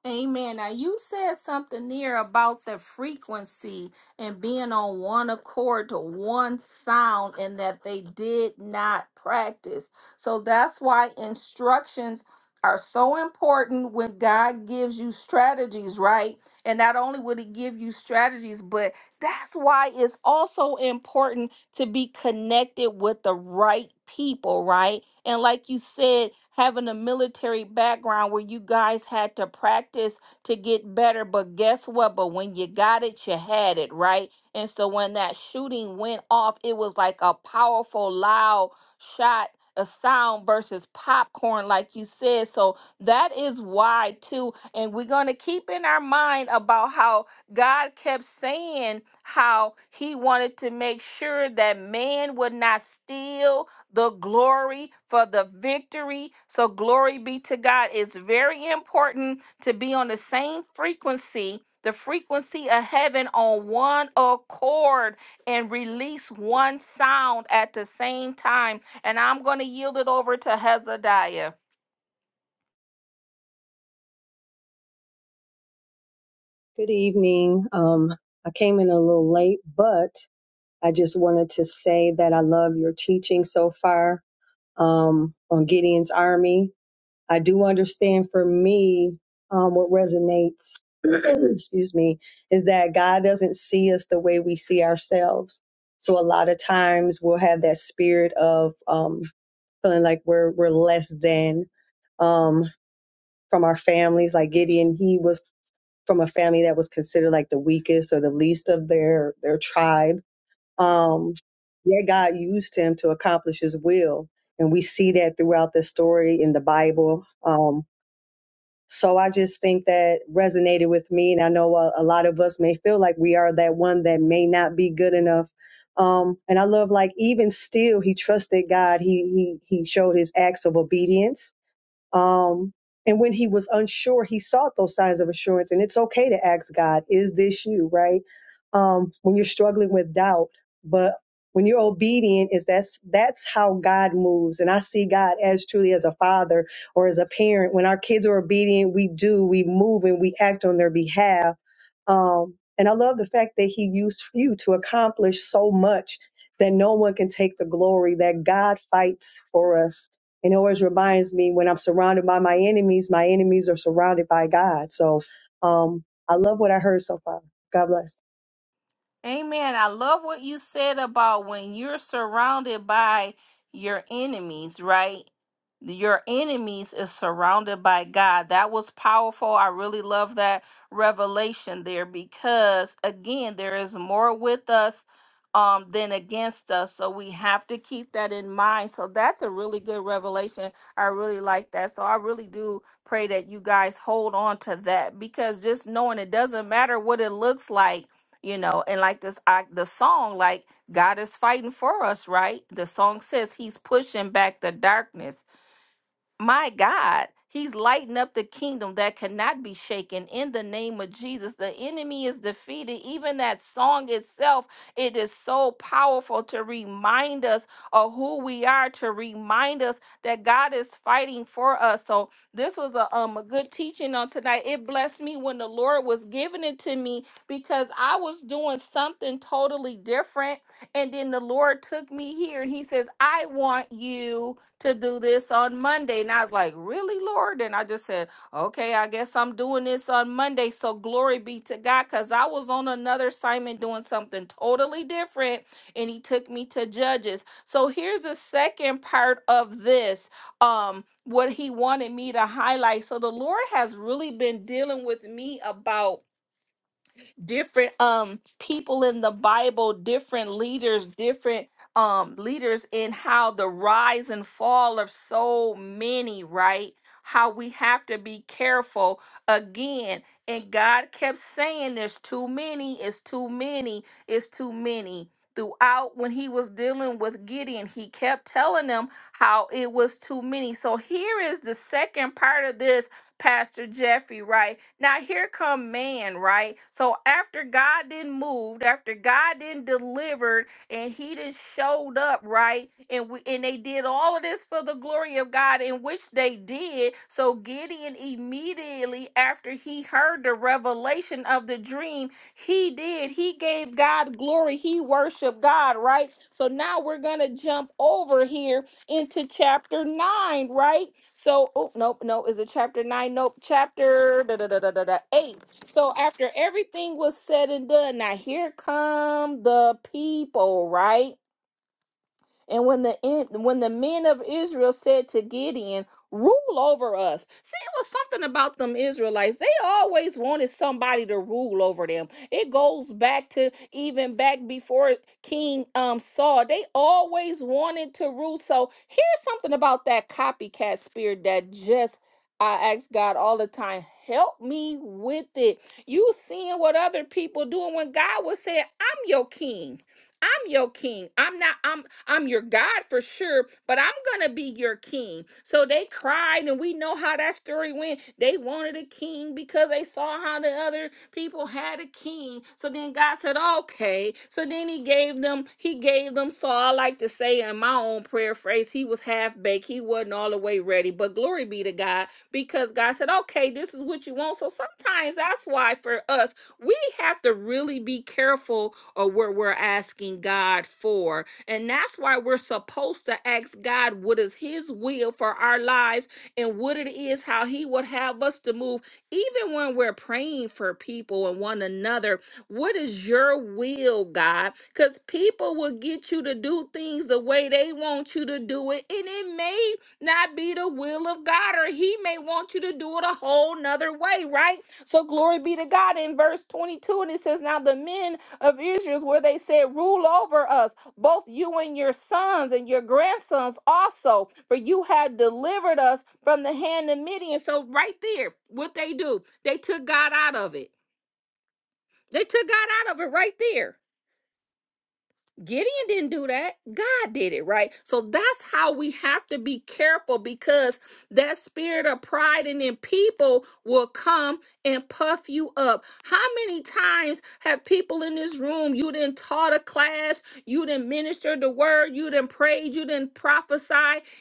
Speaker 3: Amen. Now you said something there about the frequency and being on one accord to one sound and that they did not practice. So that's why instructions are so important when God gives you strategies, right? And not only would he give you strategies, but that's why it's also important to be connected with the right people, right? And like you said, having a military background where you guys had to practice to get better. But guess what? But when you got it, you had it, right? And so when that shooting went off, it was like a powerful, loud shot. A sound versus popcorn, like you said. So that is why, too. And we're going to keep in our mind about how God kept saying how he wanted to make sure that man would not steal, the glory for the victory. So, glory be to God. It's very important to be on the same frequency, the frequency of heaven on one accord and release one sound at the same time. And I'm going to yield it over to Hezadiah.
Speaker 9: Good evening. Um, I came in a little late, but I just wanted to say that I love your teaching so far um, on Gideon's Army. I do understand for me um, what resonates, excuse me, is that God doesn't see us the way we see ourselves. So a lot of times we'll have that spirit of um, feeling like we're we're less than um, from our families. Like Gideon, he was from a family that was considered like the weakest or the least of their their tribe. Um, yet God used him to accomplish His will, and we see that throughout the story in the Bible. Um, so I just think that resonated with me, and I know a, a lot of us may feel like we are that one that may not be good enough. Um, and I love like even still, he trusted God. He he he showed his acts of obedience um, and when he was unsure, he sought those signs of assurance. And it's okay to ask God, is this you, right? Um, when you're struggling with doubt, but when you're obedient, is that's that's how God moves. And I see God as truly as a father or as a parent. When our kids are obedient, we do, we move and we act on their behalf. Um, and I love the fact that he used you to accomplish so much that no one can take the glory, that God fights for us and it always reminds me when I'm surrounded by my enemies, my enemies are surrounded by God. So um, I love what I heard so far. God bless.
Speaker 3: Amen. I love what you said about when you're surrounded by your enemies, right? Your enemies is surrounded by God. That was powerful. I really love that revelation there because again, there is more with us um than against us. So we have to keep that in mind. So that's a really good revelation. I really like that. So I really do pray that you guys hold on to that because just knowing it doesn't matter what it looks like you know and like this I, the song like god is fighting for us right the song says he's pushing back the darkness my God, he's lighting up the kingdom that cannot be shaken in the name of Jesus. The enemy is defeated. Even that song itself, it is so powerful to remind us of who we are, to remind us that God is fighting for us. So this was a um a good teaching on tonight. It blessed me when the Lord was giving it to me because I was doing something totally different and then the Lord took me here and he says, I want you to do this on Monday. And I was like, Really, Lord? And I just said, Okay, I guess I'm doing this on Monday. So glory be to God because I was on another assignment doing something totally different. And he took me to Judges. So here's the second part of this. Um, what he wanted me to highlight. So the Lord has really been dealing with me about different um people in the Bible, different leaders, different um leaders in how the rise and fall of so many, right? How we have to be careful again. And God kept saying there's too many, it's too many, it's too many. Throughout when he was dealing with Gideon, he kept telling them how it was too many. So here is the second part of this Pastor Jeffrey, right? Now here come man, right? So after God didn't move, after God didn't delivered, and he just showed up, right? And we and they did all of this for the glory of God, in which they did. So Gideon immediately after he heard the revelation of the dream, he did. He gave God glory. He worshiped God, right? So now we're gonna jump over here into chapter nine, right? So, oh, nope, nope. Is it chapter nine? Nope. Chapter da, da, da, da, da, da, eight. So, after everything was said and done, now here come the people, right? And when the en- when the men of Israel said to Gideon, "Rule over us," see, it was something about them Israelites. They always wanted somebody to rule over them. It goes back to even back before King um, Saul. They always wanted to rule. So here's something about that copycat spirit that just I ask God all the time, help me with it. You seeing what other people doing when God was saying, "I'm your king." I'm your king. I'm not I'm I'm your God for sure, but I'm gonna be your king. So they cried, and we know how that story went. They wanted a king because they saw how the other people had a king. So then God said, Okay. So then he gave them, he gave them Saul. I like to say in my own prayer phrase, he was half baked, he wasn't all the way ready. But glory be to God, because God said, Okay, this is what you want. So sometimes that's why for us we have to really be careful of what we're asking God for. And that's why we're supposed to ask God what is His will for our lives and what it is, how He would have us to move. Even when we're praying for people and one another, what is your will, God? Because people will get you to do things the way they want you to do it, and it may not be the will of God, or He may want you to do it a whole nother way, right? So glory be to God in verse 22, and it says, Now the men of Israel, where they said, Rule over us, both you and your sons and your grandsons also, for you have delivered us from the hand of Midian. So right there, what they do, they took God out of it. They took God out of it right there. Gideon didn't do that. God did it, right? So that's how we have to be careful because that spirit of pride and then people will come and puff you up. How many times have people in this room, you didn't taught a class, you didn't minister the word, you didn't prayed, you didn't prophesy,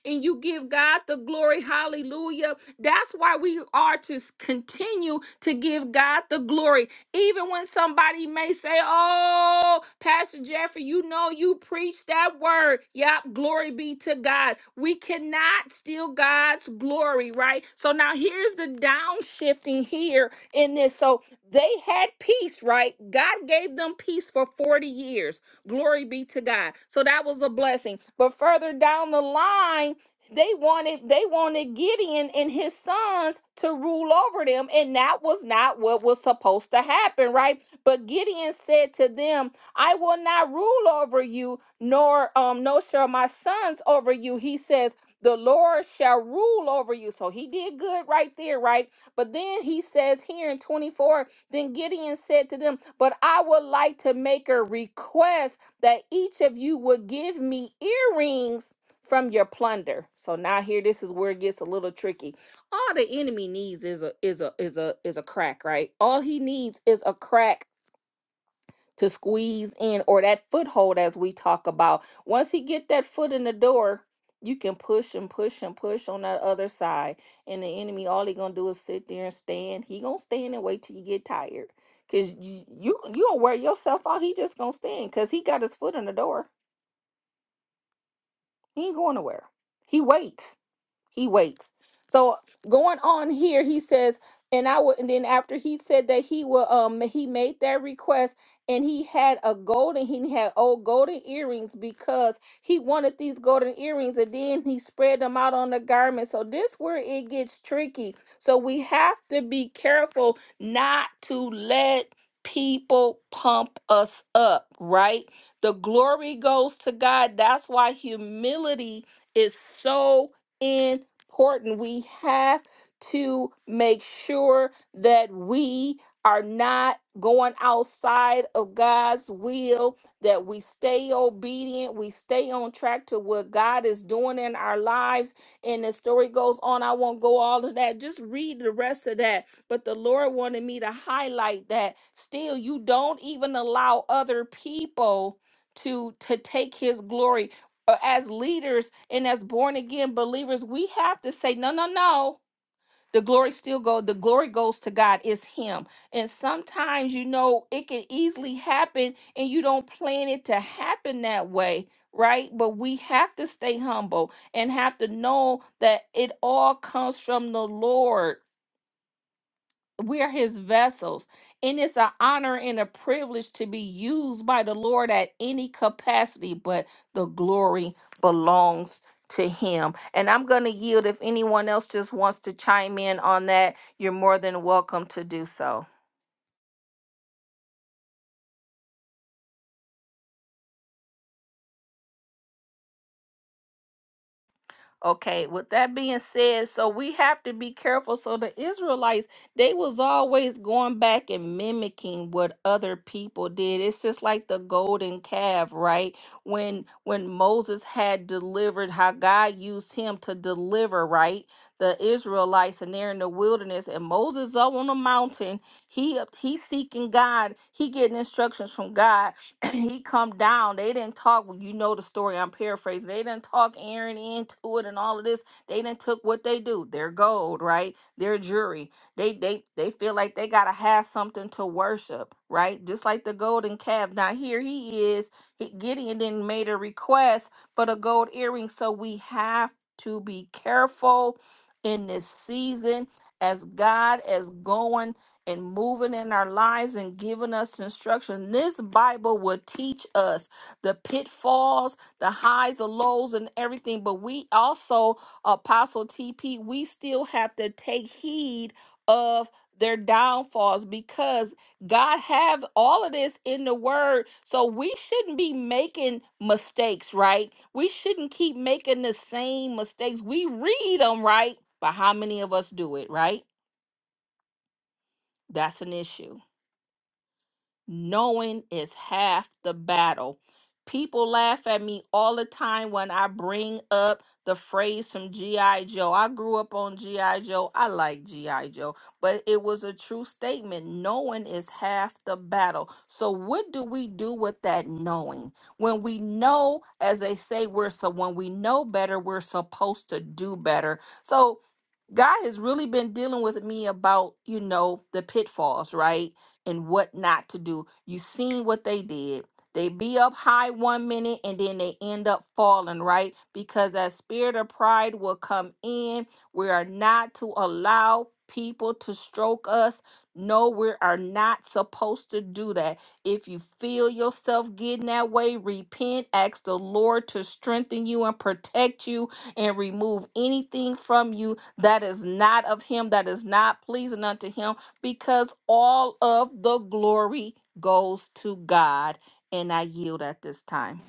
Speaker 3: and you give God the glory. Hallelujah. That's why we are to continue to give give God the glory. Even when somebody may say, Oh, Pastor Jeffrey, you know you preached that word. Yep, glory be to God. We cannot steal God's glory, right? So now here's the downshifting here in this. So they had peace, right? God gave them peace for 40 years. Glory be to God. So that was a blessing. But further down the line, they wanted they wanted Gideon and his sons to rule over them, and that was not what was supposed to happen, right? But Gideon said to them, "I will not rule over you, nor um, no shall my sons over you." He says, "The Lord shall rule over you." So he did good right there, right? But then he says here in twenty four, then Gideon said to them, But I would like to make a request that each of you would give me earrings from your plunder. So now here this is where it gets a little tricky. All the enemy needs is a is a is a is a crack, right? All he needs is a crack to squeeze in or that foothold as we talk about. Once he get that foot in the door, you can push and push and push on that other side. And the enemy all he gonna do is sit there and stand. He gonna stand and wait till you get tired. Cause you you you gonna wear yourself out. He just gonna stand because he got his foot in the door. He ain't going nowhere. He waits. He waits. So going on here, he says, and I would, and then after he said that he will, um, he made that request, and he had a golden, he had old golden earrings because he wanted these golden earrings, and then he spread them out on the garment. So this where it gets tricky. So we have to be careful not to let people pump us up, right? The glory goes to God. That's why humility is so important. We have to make sure that we are not going outside of God's will, that we stay obedient, we stay on track to what God is doing in our lives. And the story goes on. I won't go all of that. Just read the rest of that. But the Lord wanted me to highlight that still, you don't even allow other people to to take his glory Uh, as leaders and as born again believers we have to say no no no the glory still go the glory goes to god it's him and sometimes you know it can easily happen and you don't plan it to happen that way right but we have to stay humble and have to know that it all comes from the lord we are his vessels and it's an honor and a privilege to be used by the lord at any capacity but the glory belongs to him and i'm going to yield if anyone else just wants to chime in on that you're more than welcome to do so Okay, with that being said, so we have to be careful. So the Israelites, they was always going back and mimicking what other people did. It's just like the golden calf, right? When when Moses had delivered, how God used him to deliver, right? The Israelites and they're in the wilderness, and Moses up on the mountain. He up- he seeking God. He getting instructions from God he come down. They didn't talk. Well, you know the story. I'm paraphrasing. They didn't talk Aaron into it and all of this. They didn't took what they do. Their gold, right? Their jury. They they they feel like they gotta have something to worship, right? Just like the golden calf. Now here he is. He, Gideon then made a request for the gold earring. So we have to be careful in this season as God is going and moving in our lives and giving us instruction. This Bible will teach us the pitfalls, the highs, the lows, and everything. But we also, Apostle TP, we still have to take heed of their downfalls because God have all of this in the word so we shouldn't be making mistakes right we shouldn't keep making the same mistakes we read them right but how many of us do it right that's an issue Knowing is half the battle. People laugh at me all the time when I bring up the phrase from G.I. Joe. I grew up on G.I. Joe. I like G.I. Joe, but it was a true statement. Knowing is half the battle. So, what do we do with that knowing? When we know, as they say, we're so when we know better, we're supposed to do better. So, God has really been dealing with me about, you know, the pitfalls, right? And what not to do. You seen what they did. They be up high one minute and then they end up falling, right? Because that spirit of pride will come in. We are not to allow people to stroke us. No, we are not supposed to do that. If you feel yourself getting that way, repent, ask the Lord to strengthen you and protect you and remove anything from you that is not of him, that is not pleasing unto him, because all of the glory goes to God. And I yield at this time.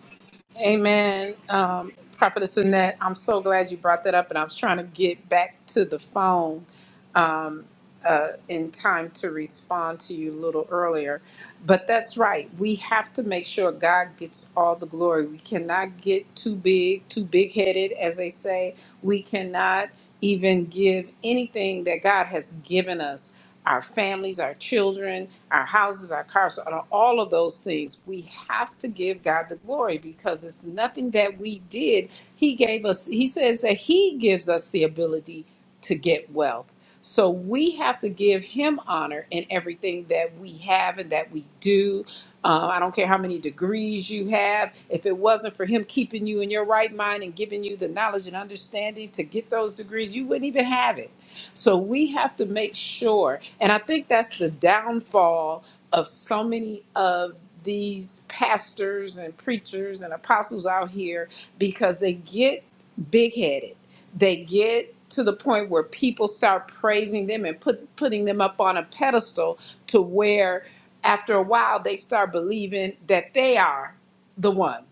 Speaker 6: Amen. Um, Prophetess Annette, I'm so glad you brought that up, and I was trying to get back to the phone um, uh, in time to respond to you a little earlier. But that's right. We have to make sure God gets all the glory. We cannot get too big, too big headed, as they say. We cannot even give anything that God has given us our families, our children, our houses, our cars, all of those things. We have to give God the glory because it's nothing that we did. He gave us, He says that He gives us the ability to get wealth. So we have to give him honor in everything that we have and that we do. Uh, I don't care how many degrees you have. If it wasn't for him keeping you in your right mind and giving you the knowledge and understanding to get those degrees, you wouldn't even have it. So we have to make sure, and I think that's the downfall of so many of these pastors and preachers and apostles out here because they get big headed they get to the point where people start praising them and put putting them up on a pedestal to where after a while they start believing that they are the one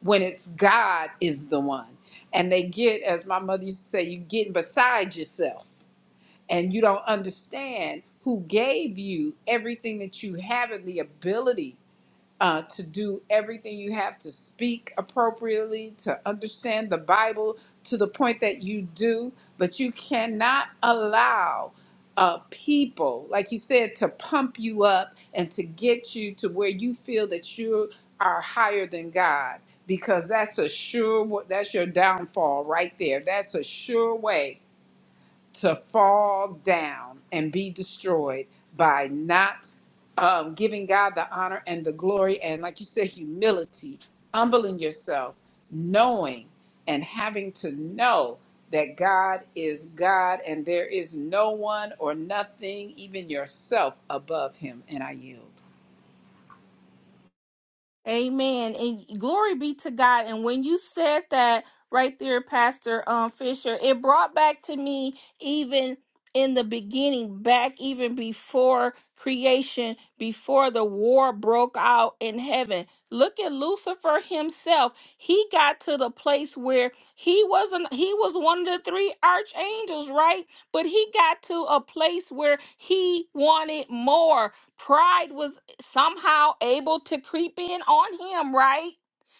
Speaker 6: when it's God is the one and they get as my mother used to say you getting beside yourself and you don't understand who gave you everything that you have and the ability uh, to do everything you have to speak appropriately, to understand the Bible to the point that you do, but you cannot allow uh, people, like you said, to pump you up and to get you to where you feel that you are higher than God, because that's a sure, that's your downfall right there. That's a sure way to fall down and be destroyed by not um, giving God the honor and the glory, and like you said, humility, humbling yourself, knowing and having to know that God is God and there is no one or nothing, even yourself, above Him. And I yield.
Speaker 3: Amen. And glory be to God. And when you said that right there, Pastor um, Fisher, it brought back to me even in the beginning, back even before creation, before the war broke out in heaven. Look at Lucifer himself. He got to the place where he wasn't he was one of the three archangels, right? But he got to a place where he wanted more. Pride was somehow able to creep in on him, right?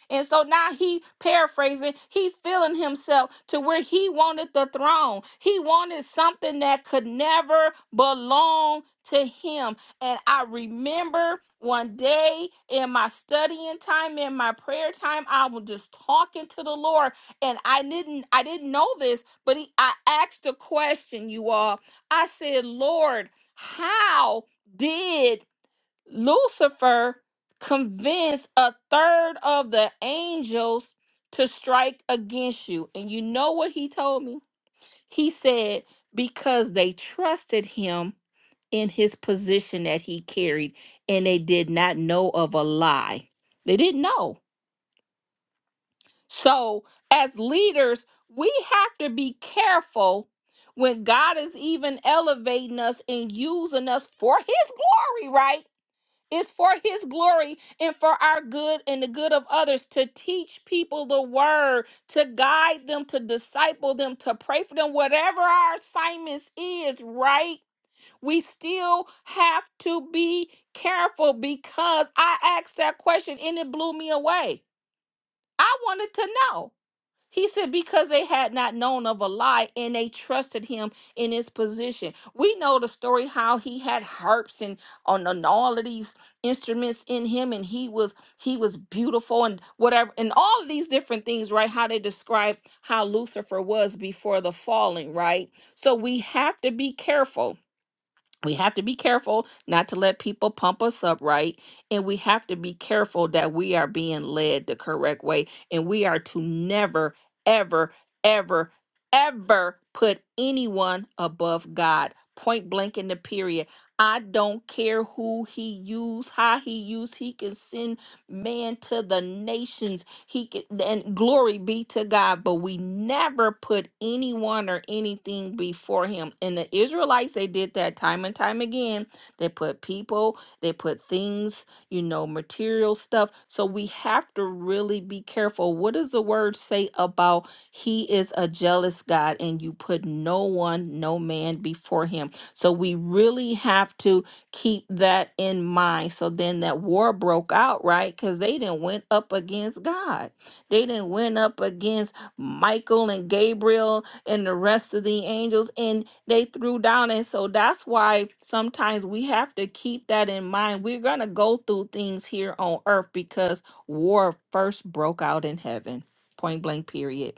Speaker 3: And so now he paraphrasing, he feeling himself to where he wanted the throne. He wanted something that could never belong to him. And I remember one day in my studying time, in my prayer time, I was just talking to the Lord. And I didn't I didn't know this, but he, I asked a question, you all. I said, Lord, how did Lucifer convinced a third of the angels to strike against you. And you know what he told me? He said, because they trusted him in his position that he carried and they did not know of a lie. They didn't know. So, as leaders, we have to be careful when God is even elevating us and using us for his glory, right? It's for his glory and for our good and the good of others to teach people the word, to guide them, to disciple them, to pray for them, whatever our assignments is, right? We still have to be careful because I asked that question and it blew me away. I wanted to know. He said, because they had not known of a lie and they trusted him in his position. We know the story how he had harps and on and all of these instruments in him, and he was he was beautiful and whatever, and all of these different things, right? How they describe how Lucifer was before the falling, right? So we have to be careful we have to be careful not to let people pump us up right and we have to be careful that we are being led the correct way and we are to never ever ever ever put anyone above god point blank in the period i don't care who he use how he use he can send man to the nations he can, and glory be to God, but we never put anyone or anything before him. And the Israelites, they did that time and time again. They put people, they put things, you know, material stuff. So we have to really be careful. What does the word say about he is a jealous God and you put no one, no man before him? So we really have to keep that in mind. So then that war broke out, right? Because they didn't went up against God. They didn't went up against Michael and Gabriel and the rest of the angels, and they threw down. And so that's why sometimes we have to keep that in mind. We're gonna go through things here on earth because war first broke out in heaven. Point blank. Period.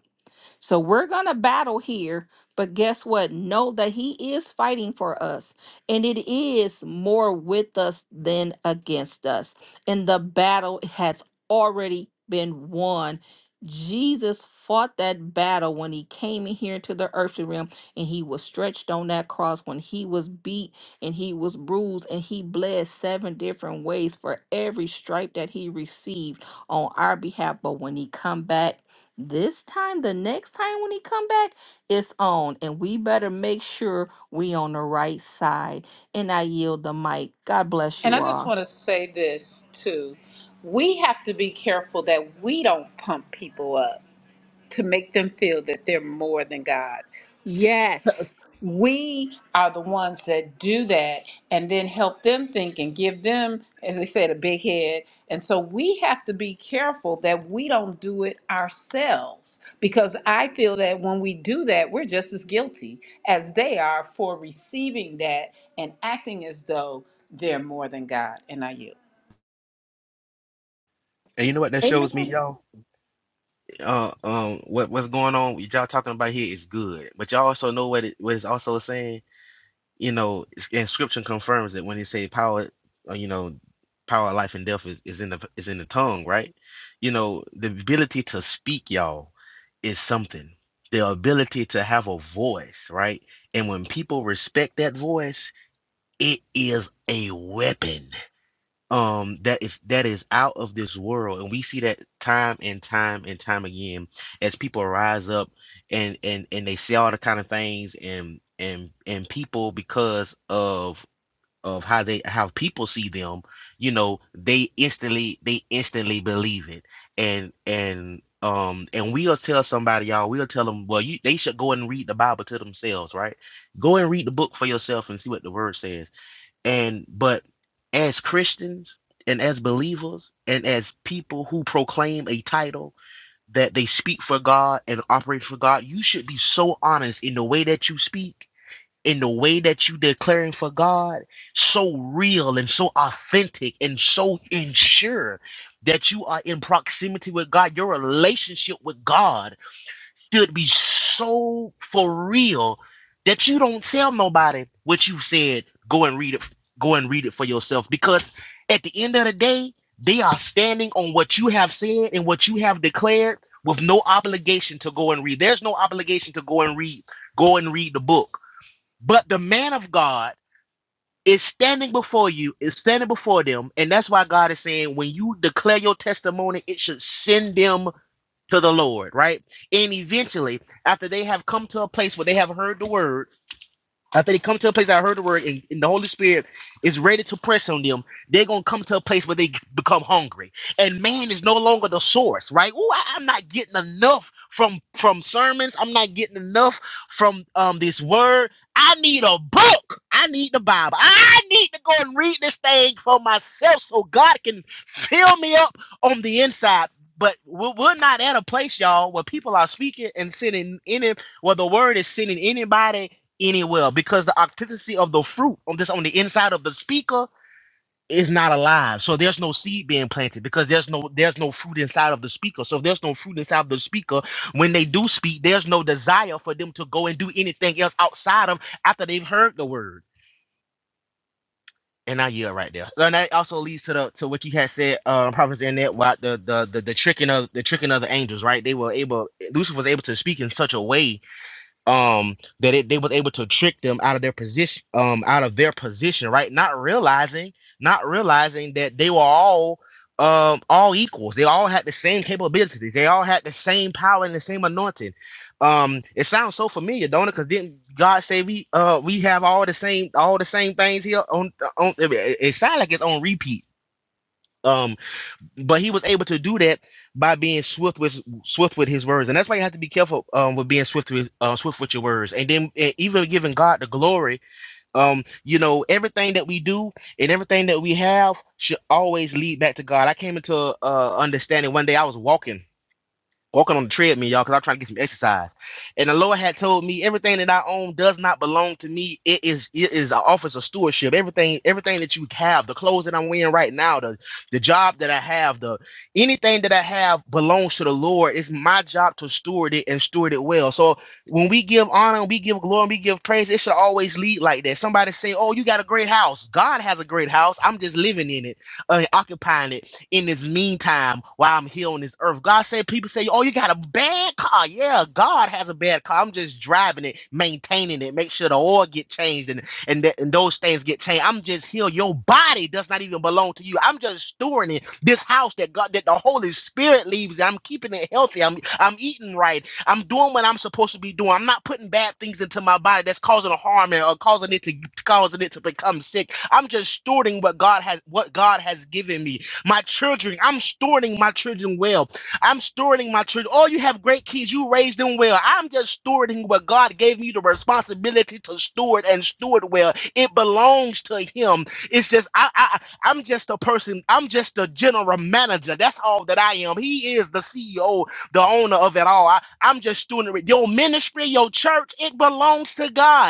Speaker 3: So we're going to battle here, but guess what? Know that He is fighting for us, and it is more with us than against us. And the battle has already been won. Jesus fought that battle when he came in here into the earthly realm and he was stretched on that cross when he was beat and he was bruised and he bled seven different ways for every stripe that he received on our behalf but when he come back this time, the next time when he come back, it's on, and we better make sure we on the right side. And I yield the mic. God bless
Speaker 6: And
Speaker 3: you
Speaker 6: I just
Speaker 3: all.
Speaker 6: want to say this too. We have to be careful that we don't pump people up to make them feel that they're more than God
Speaker 3: Yes.
Speaker 6: we are the ones that do that and then help them think and give them as they said a big head and so we have to be careful that we don't do it ourselves because i feel that when we do that we're just as guilty as they are for receiving that and acting as though they're more than god and i you
Speaker 4: And you know what that
Speaker 3: Amen.
Speaker 4: shows me, y'all? uh um what what's going on what y'all talking about here is good but y'all also know what it what it's also saying you know it's- and scripture confirms it when it say power uh, you know power of life and death is, is in the is in the tongue right you know the ability to speak y'all is something the ability to have a voice right and when people respect that voice it is a weapon um that is that is out of this world and we see that time and time and time again as people rise up and and and they say all the kind of things and and and people because of of how they how people see them you know they instantly they instantly believe it and and um and we'll tell somebody y'all we'll tell them well you they should go and read the bible to themselves right go and read the book for yourself and see what the word says and but as Christians and as believers and as people who proclaim a title that they speak for God and operate for God, you should be so honest in the way that you speak, in the way that you declaring for God, so real and so authentic and so ensure that you are in proximity with God, your relationship with God should be so for real that you don't tell nobody what you said. Go and read it. Go and read it for yourself because at the end of the day, they are standing on what you have said and what you have declared with no obligation to go and read. There's no obligation to go and read. Go and read the book. But the man of God is standing before you, is standing before them, and that's why God is saying when you declare your testimony, it should send them to the Lord, right? And eventually, after they have come to a place where they have heard the word, after they come to a place that I heard the word and, and the Holy Spirit is ready to press on them, they're gonna come to a place where they become hungry. And man is no longer the source, right? Ooh, I, am not getting enough from from sermons. I'm not getting enough from um this word. I need a book. I need the Bible. I need to go and read this thing for myself so God can fill me up on the inside. But we're we're not at a place, y'all, where people are speaking and sending any, where the word is sending anybody anywhere because the authenticity of the fruit on this on the inside of the speaker is not alive. So there's no seed being planted because there's no there's no fruit inside of the speaker. So if there's no fruit inside of the speaker, when they do speak, there's no desire for them to go and do anything else outside of after they've heard the word. And I yield right there. And that also leads to the to what you had said, uh, Prophets in that about the, the the the tricking of the tricking of the angels, right? They were able Lucifer was able to speak in such a way um that it, they was able to trick them out of their position um out of their position right not realizing not realizing that they were all um all equals they all had the same capabilities they all had the same power and the same anointing um it sounds so familiar don't it because didn't god say we uh we have all the same all the same things here on on it, it it sounds like it's on repeat um, but he was able to do that by being swift with swift with his words, and that's why you have to be careful um, with being swift with uh, swift with your words, and then and even giving God the glory. Um, you know, everything that we do and everything that we have should always lead back to God. I came into uh, understanding one day. I was walking walking on the treadmill, y'all, because I'm trying to get some exercise. And the Lord had told me everything that I own does not belong to me. It is it is an office of stewardship. Everything, everything that you have, the clothes that I'm wearing right now, the the job that I have, the anything that I have belongs to the Lord. It's my job to steward it and steward it well. So when we give honor, we give glory, and we give praise, it should always lead like that. Somebody say, Oh, you got a great house. God has a great house. I'm just living in it, uh, occupying it in this meantime while I'm here on this earth. God said, people say, oh, you got a bad car. Yeah, God has a bad car. I'm just driving it, maintaining it, make sure the oil get changed and, and, th- and those things get changed. I'm just here. Your body does not even belong to you. I'm just stewarding it. This house that God, that the Holy Spirit leaves, I'm keeping it healthy. I'm, I'm eating right. I'm doing what I'm supposed to be doing. I'm not putting bad things into my body that's causing harm or causing it to causing it to become sick. I'm just stewarding what God has what God has given me. My children, I'm stewarding my children well. I'm stewarding my children. Oh, you have great kids. You raised them well. I'm just stewarding what God gave me the responsibility to steward and steward well. It belongs to Him. It's just I, I I'm just a person. I'm just a general manager. That's all that I am. He is the CEO, the owner of it all. I, I'm just stewarding it. your ministry, your church. It belongs to God.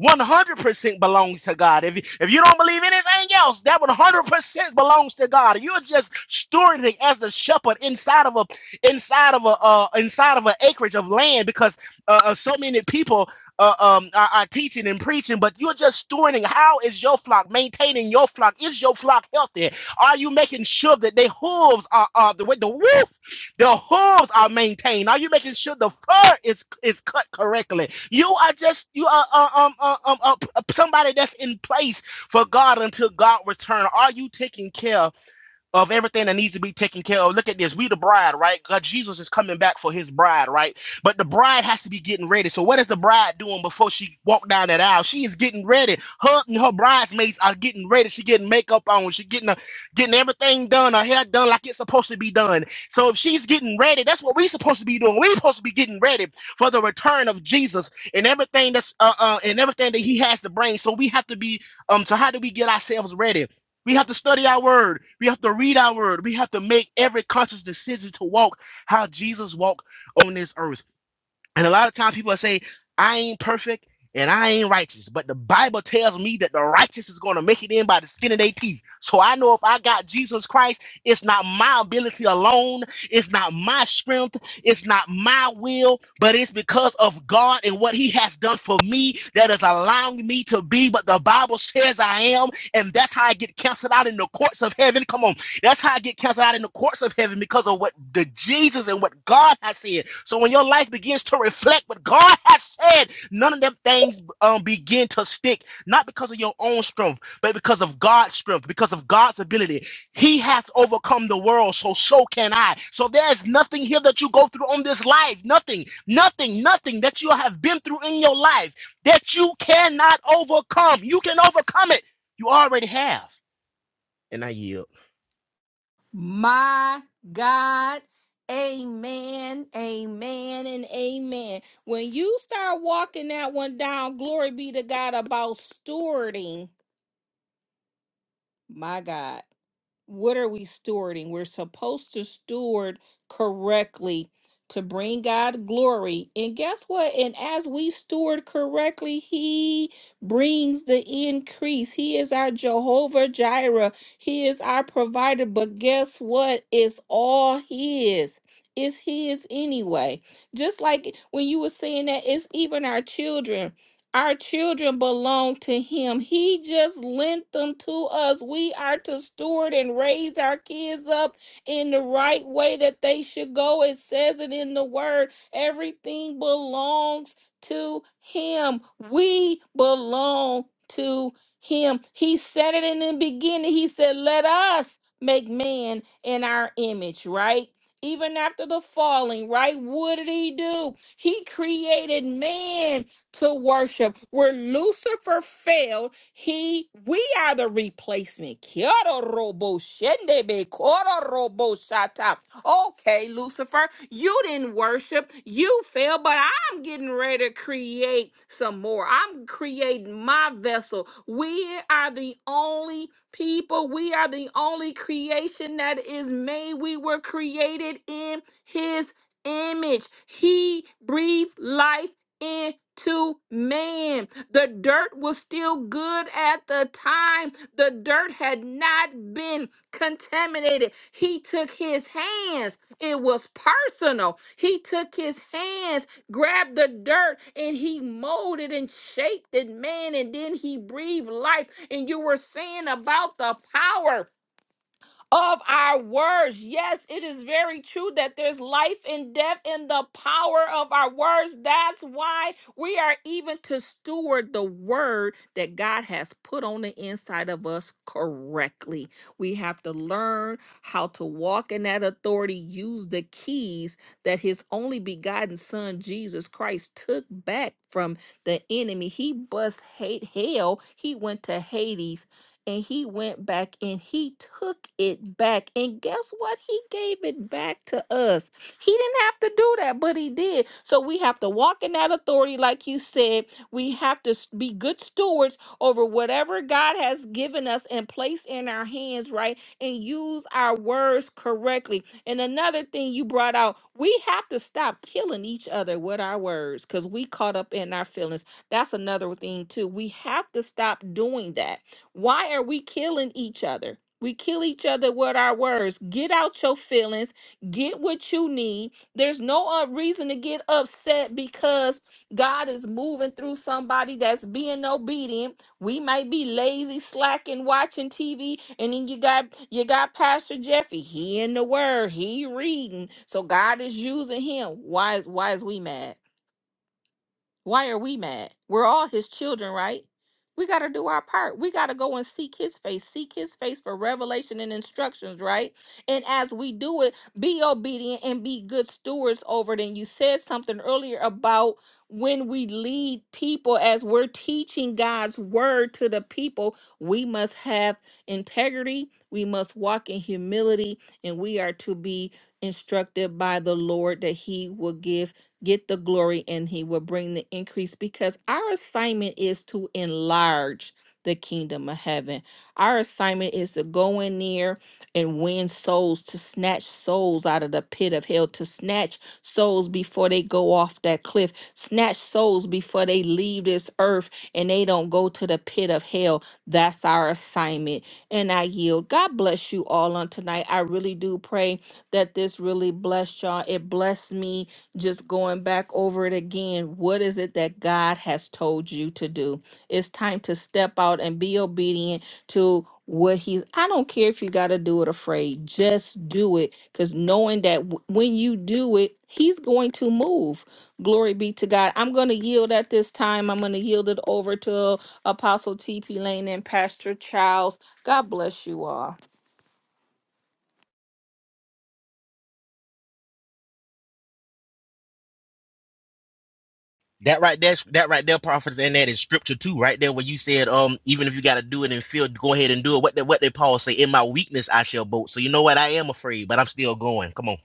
Speaker 4: 100% belongs to God. If you, if you don't believe anything else, that 100% belongs to God. You're just stewarding as the shepherd inside of a inside of a uh, inside of an acreage of land because uh, uh, so many people uh, um, are, are teaching and preaching, but you're just stewarding. How is your flock maintaining your flock? Is your flock healthy? Are you making sure that their hooves are, are the way the woo? The hooves are maintained. Are you making sure the fur is is cut correctly? You are just you are uh, um, uh, um uh, somebody that's in place for God until God return. Are you taking care? of everything that needs to be taken care of. Look at this. We the bride, right? God, Jesus is coming back for his bride, right? But the bride has to be getting ready. So what is the bride doing before she walked down that aisle? She is getting ready. Her and her bridesmaids are getting ready. She getting makeup on. She getting a getting everything done. Her hair done like it's supposed to be done. So if she's getting ready, that's what we're supposed to be doing. We're supposed to be getting ready for the return of Jesus and everything that's uh, uh and everything that he has to bring. So we have to be um. So how do we get ourselves ready? We have to study our word. We have to read our word. We have to make every conscious decision to walk how Jesus walked on this earth. And a lot of times people say, I ain't perfect and I ain't righteous. But the Bible tells me that the righteous is going to make it in by the skin of their teeth. So I know if I got Jesus Christ, it's not my ability alone, it's not my strength, it's not my will, but it's because of God and what He has done for me that is allowing me to be what the Bible says I am. And that's how I get canceled out in the courts of heaven. Come on. That's how I get cast out in the courts of heaven because of what the Jesus and what God has said. So when your life begins to reflect what God has said, none of them things um, begin to stick, not because of your own strength, but because of God's strength, because of God's ability. He has overcome the world, so so can I. So there's nothing here that you go through on this life, nothing, nothing, nothing that you have been through in your life that you cannot overcome. You can overcome it. You already have. And I yield.
Speaker 3: My God, Amen, Amen, and Amen. When you start walking that one down, glory be to God about stewarding. My God. what are we stewarding? We're supposed to steward correctly to bring God glory. And guess what? And as we steward correctly, He brings the increase. He is our Jehovah Jireh, He is our provider. But guess what? It's all His. It's His anyway. Just like when you were saying that, it's even our children. Our children belong to him. He just lent them to us. We are to steward and raise our kids up in the right way that they should go. It says it in the word. Everything belongs to him. We belong to him. He said it in the beginning. He said, Let us make man in our image, right? Even after the falling, right? What did he do? He created man to worship. Where Lucifer failed, he we are the replacement. Kiara robo shendebe, kora robo shata. Okay, Lucifer, you didn't worship, you failed, but I'm getting ready to create some more. I'm creating my vessel. We are the only people, we are the only creation that is made. We were created in his image. He breathed life into man. The dirt was still good at the time. The dirt had not been contaminated. He took his hands. It was personal. He took his hands, grabbed the dirt, and he molded and shaped it, man. And then he breathed life. And you were saying about the power of our words. Yes, it is very true that there's life and death in the power of our words. That's why we are even to steward the word that God has put on the inside of us correctly. We have to learn how to walk in that authority, use the keys that his only begotten son Jesus Christ took back from the enemy. He bust hate hell. He went to Hades and he went back and he took it back. And guess what? He gave it back to us. He didn't have to do that, but he did. So we have to walk in that authority, like you said. We have to s- be good stewards over whatever God has given us and placed in our hands, right? And use our words correctly. And another thing you brought out, we have to stop killing each other with our words because we caught up in our feelings. That's another thing, too. We have to stop doing that why are we killing each other? We kill each other with our words. Get out your feelings. Get what you need. There's no uh, reason to get upset because God is moving through somebody that's being obedient. We might be lazy, slacking, watching TV, and then you got you got Pastor Jeffy. He in the Word. He reading. So God is using him. Why is why is we mad? Why are we mad? We're all his children, right? We got to do our part. We got to go and seek his face, seek his face for revelation and instructions, right? And as we do it, be obedient and be good stewards over it. And you said something earlier about when we lead people, as we're teaching God's word to the people, we must have integrity, we must walk in humility, and we are to be instructed by the Lord that he will give get the glory and he will bring the increase because our assignment is to enlarge the kingdom of heaven. Our assignment is to go in there and win souls, to snatch souls out of the pit of hell, to snatch souls before they go off that cliff. Snatch souls before they leave this earth and they don't go to the pit of hell. That's our assignment. And I yield. God bless you all on tonight. I really do pray that this really blessed y'all. It blessed me just going back over it again. What is it that God has told you to do? It's time to step out and be obedient to what he's i don't care if you got to do it afraid just do it because knowing that w- when you do it he's going to move glory be to god i'm going to yield at this time i'm going to yield it over to apostle tp lane and pastor charles god bless you all
Speaker 4: That right there, that right there, prophets, and that is scripture too, right there, where you said, um, even if you got to do it in fear, go ahead and do it. What did what did Paul say? In my weakness, I shall boast. So you know what? I am afraid, but I'm still going. Come on.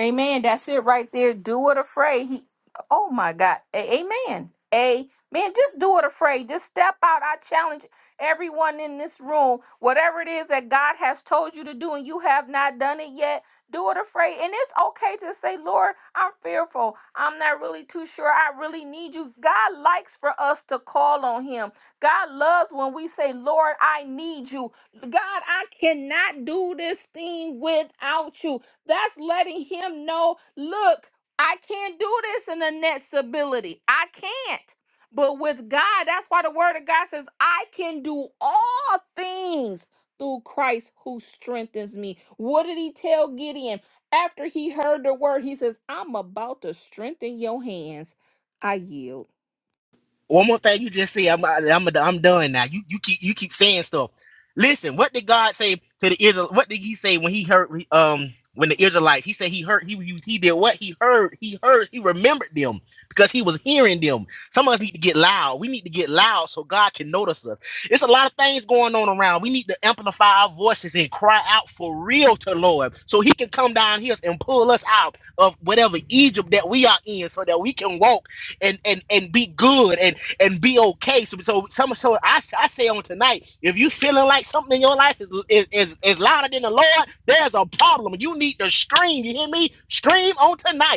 Speaker 3: Amen. That's it right there. Do it afraid. He oh my God. A- amen. Amen. Just do it afraid. Just step out. I challenge everyone in this room. Whatever it is that God has told you to do and you have not done it yet, do it afraid. And it's okay to say, Lord, I'm fearful. I'm not really too sure. I really need you. God likes for us to call on him. God loves when we say, Lord, I need you. God, I cannot do this thing without you. That's letting him know, look, I can't do this in the next ability. I can't. But with God, that's why the word of God says, I can do all things through Christ who strengthens me. What did he tell Gideon? After he heard the word, he says, I'm about to strengthen your hands. I yield.
Speaker 4: One more thing you just said, I'm I'm I'm done now. You you keep you keep saying stuff. Listen, what did God say to the Israel? What did He say when He heard um when the Israelites? He said He heard he he did what He heard He heard He remembered them because He was hearing them. Some of us need to get loud. We need to get loud so God can notice us. It's a lot of things going on around. We need to amplify our voices and cry out for real to Lord so He can come down here and pull us out of whatever Egypt that we are in so that we can walk and and and be good and and be okay. So, so, some, so I, I say on tonight, if you feeling like something in your life is, is, is, is louder than the Lord, there's a problem. You need to scream. You hear me? Scream on tonight.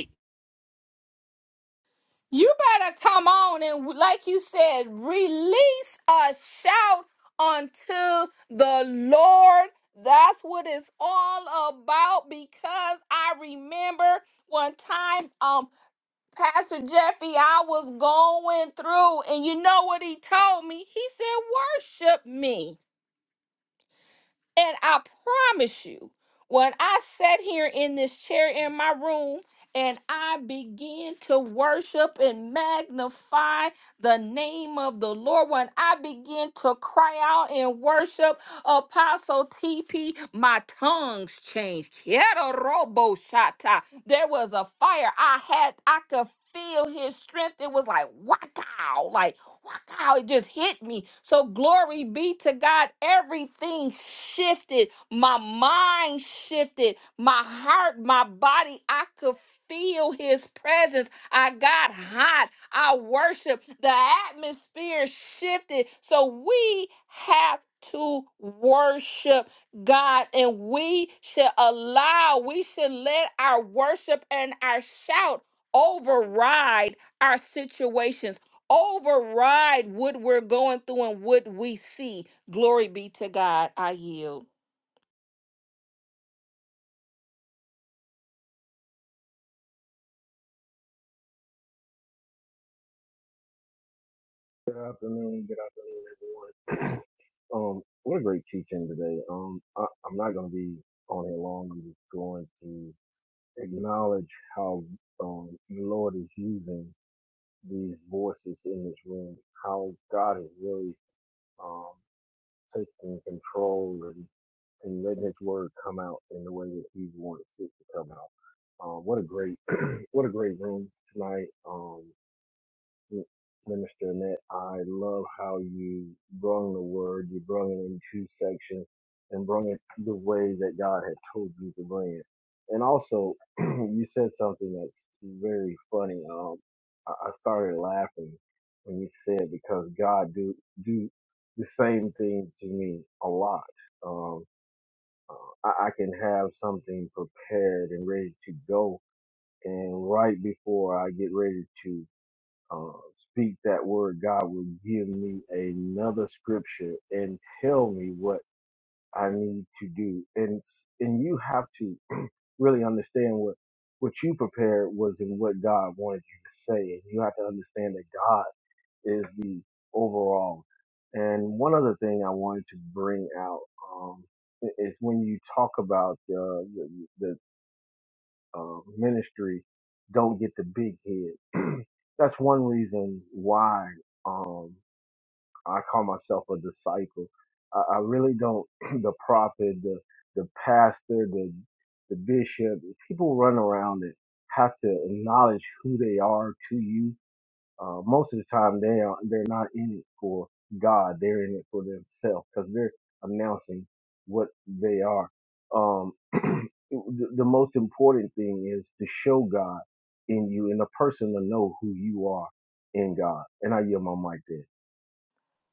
Speaker 3: You better come on and, like you said, release a shout unto the Lord. That's what it's all about because I remember one time, um, Pastor Jeffy, I was going through, and you know what he told me? He said, Worship me. And I promise you, when I sat here in this chair in my room and I began to worship and magnify the name of the Lord, when I began to cry out and worship Apostle TP, my tongues changed. Quiero robo shata. There was a fire. I had, I could feel his strength. It was like, wow, like Wow, it just hit me. So glory be to God. Everything shifted. My mind shifted. My heart, my body. I could feel his presence. I got hot. I worship. The atmosphere shifted. So we have to worship God and we should allow, we should let our worship and our shout override our situations override what we're going through and what we see. Glory be to God. I yield.
Speaker 10: Good afternoon. Good afternoon, everyone. Um, what a great teaching today. Um, I, I'm not going to be on here long. I'm just going to acknowledge how um, the Lord is using these voices in this room. How God is really um, taking control and, and letting His word come out in the way that He wants it to come out. Um, what a great, what a great room tonight. Um, M- Minister Annette, I love how you brung the word, you brung it in two sections and brung it the way that God had told you to bring it. And also, you said something that's very funny. Um, I I started laughing when you said because God do do the same thing to me a lot. Um, uh, I, I can have something prepared and ready to go, and right before I get ready to uh, speak that word, God will give me another scripture and tell me what I need to do. And and you have to really understand what what you prepared was and what God wanted you to say. And you have to understand that God is the overall. And one other thing I wanted to bring out um, i- is when you talk about uh, the, uh, ministry don't get the big head. That's one reason why um, I call myself a disciple. I, I really don't. the prophet, the the pastor, the the bishop, people run around and have to acknowledge who they are to you uh, most of the time, they are, they're not in it for God. They're in it for themselves because they're announcing what they are. Um, the, the most important thing is to show God in you and the person to know who you are in God. And I yield my mic there.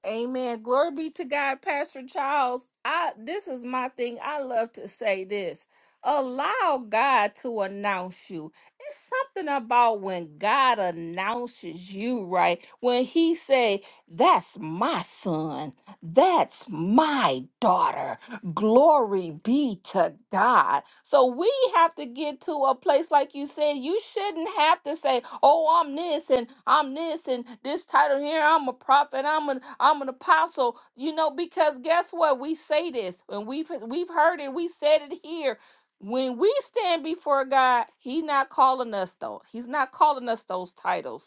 Speaker 3: Amen. Glory be to God, Pastor Charles. I this is my thing. I love to say this. Allow God to announce you. It's something about when God announces you, right? When he say, "That's my son. That's my daughter." Glory be to God. So we have to get to a place, like you said, you shouldn't have to say, Oh, I'm this and I'm this and this title here, I'm a prophet, I'm an I'm an apostle, you know, because guess what? We say this and we've we've heard it, we said it here. When we stand before God, He's not calling us though. He's not calling us those titles.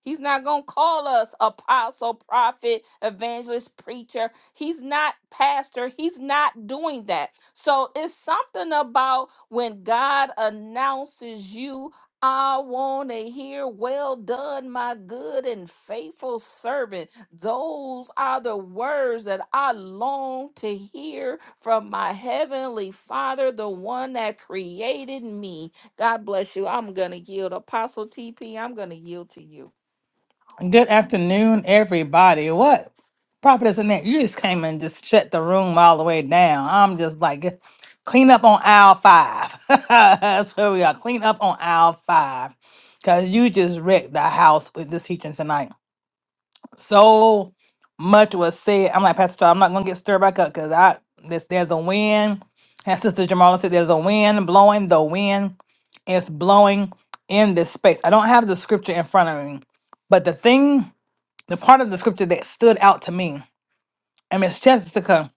Speaker 3: He's not going to call us apostle, prophet, evangelist, preacher. He's not pastor. He's not doing that. So it's something about when God announces you, I want to hear, well done, my good and faithful servant. Those are the words that I long to hear from my heavenly Father, the one that created me. God bless you. I'm going to yield. Apostle TP, I'm going to yield to you.
Speaker 1: Good afternoon, everybody. What prophet is in that? You just came and just shut the room all the way down. I'm just like, clean up on aisle five. That's where we are. Clean up on aisle five. Because you just wrecked the house with this teaching tonight. So much was said. I'm like, Pastor, Todd, I'm not going to get stirred back up because I this, there's a wind. And Sister Jamala said, there's a wind blowing. The wind is blowing in this space. I don't have the scripture in front of me. But the thing the part of the scripture that stood out to me, and Miss Jessica,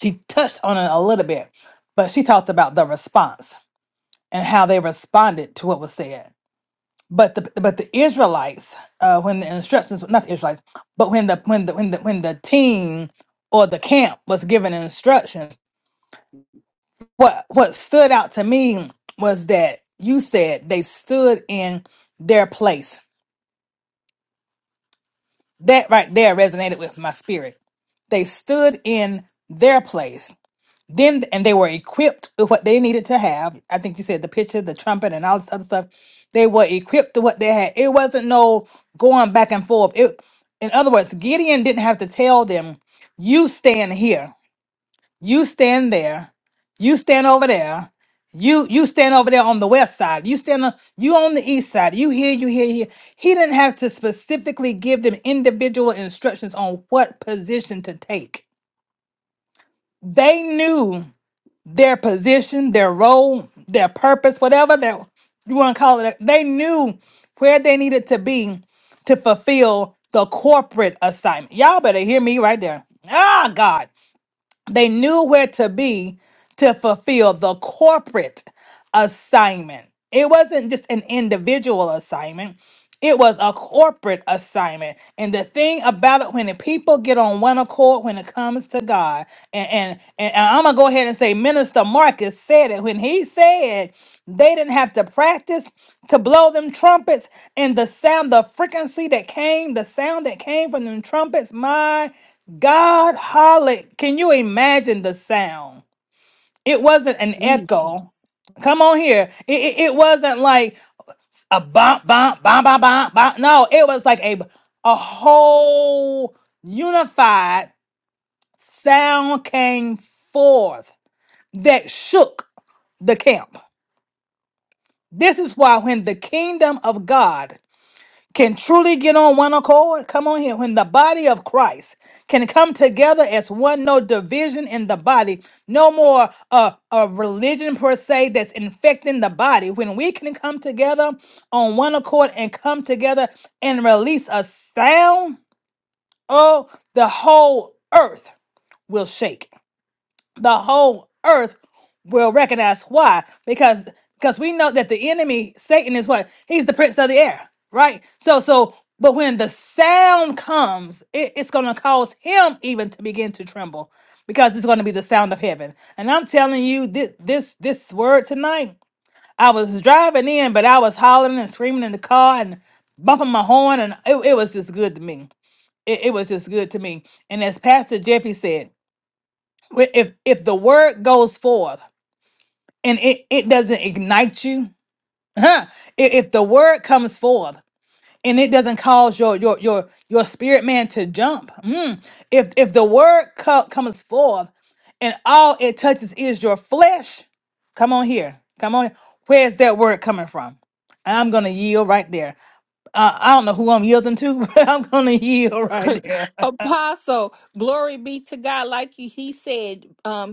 Speaker 1: she touched on it a little bit, but she talked about the response and how they responded to what was said. But the but the Israelites, uh, when the instructions, not the Israelites, but when the when the when the when the team or the camp was given instructions, what what stood out to me was that you said they stood in their place. That right there resonated with my spirit. They stood in their place Then and they were equipped with what they needed to have. I think you said the picture, the trumpet, and all this other stuff. They were equipped to what they had. It wasn't no going back and forth. It, in other words, Gideon didn't have to tell them, "You stand here, you stand there, you stand over there, you you stand over there on the west side, you stand on, you on the east side, you here, you here, here." He didn't have to specifically give them individual instructions on what position to take. They knew their position, their role, their purpose, whatever that you want to call it. They knew where they needed to be to fulfill the corporate assignment. Y'all better hear me right there. Ah, God. They knew where to be to fulfill the corporate assignment. It wasn't just an individual assignment, it was a corporate assignment. And the thing about it, when the people get on one accord when it comes to God, and, and, and I'm going to go ahead and say, Minister Marcus said it when he said they didn't have to practice to blow them trumpets and the sound, the frequency that came, the sound that came from them trumpets, my. God hollered. Can you imagine the sound? It wasn't an echo. Come on here. It, it, it wasn't like a bump, bump, bump, bump, bump, bump. No, it was like a, a whole unified sound came forth that shook the camp. This is why when the kingdom of God can truly get on one accord. Come on here. When the body of Christ can come together as one, no division in the body, no more uh, a religion per se that's infecting the body. When we can come together on one accord and come together and release a sound, oh, the whole earth will shake the whole earth will recognize why because because we know that the enemy satan is what he's the prince of the air right so so but when the sound comes it, it's going to cause him even to begin to tremble because it's going to be the sound of heaven and i'm telling you this this this word tonight i was driving in but i was hollering and screaming in the car and bumping my horn and it, it was just good to me it, it was just good to me and as pastor jeffy said Wh- if if the word goes forth and it, it doesn't ignite you huh? I- if the word comes forth and it doesn't cause your your your your spirit man to jump mm, if if the word co- comes forth and all it touches is your flesh come on here come on where's that word coming from i'm gonna yield right there uh, i don't know who i'm yielding to but i'm gonna yield right there
Speaker 3: Apostle, glory be to God. Like you, he said, um,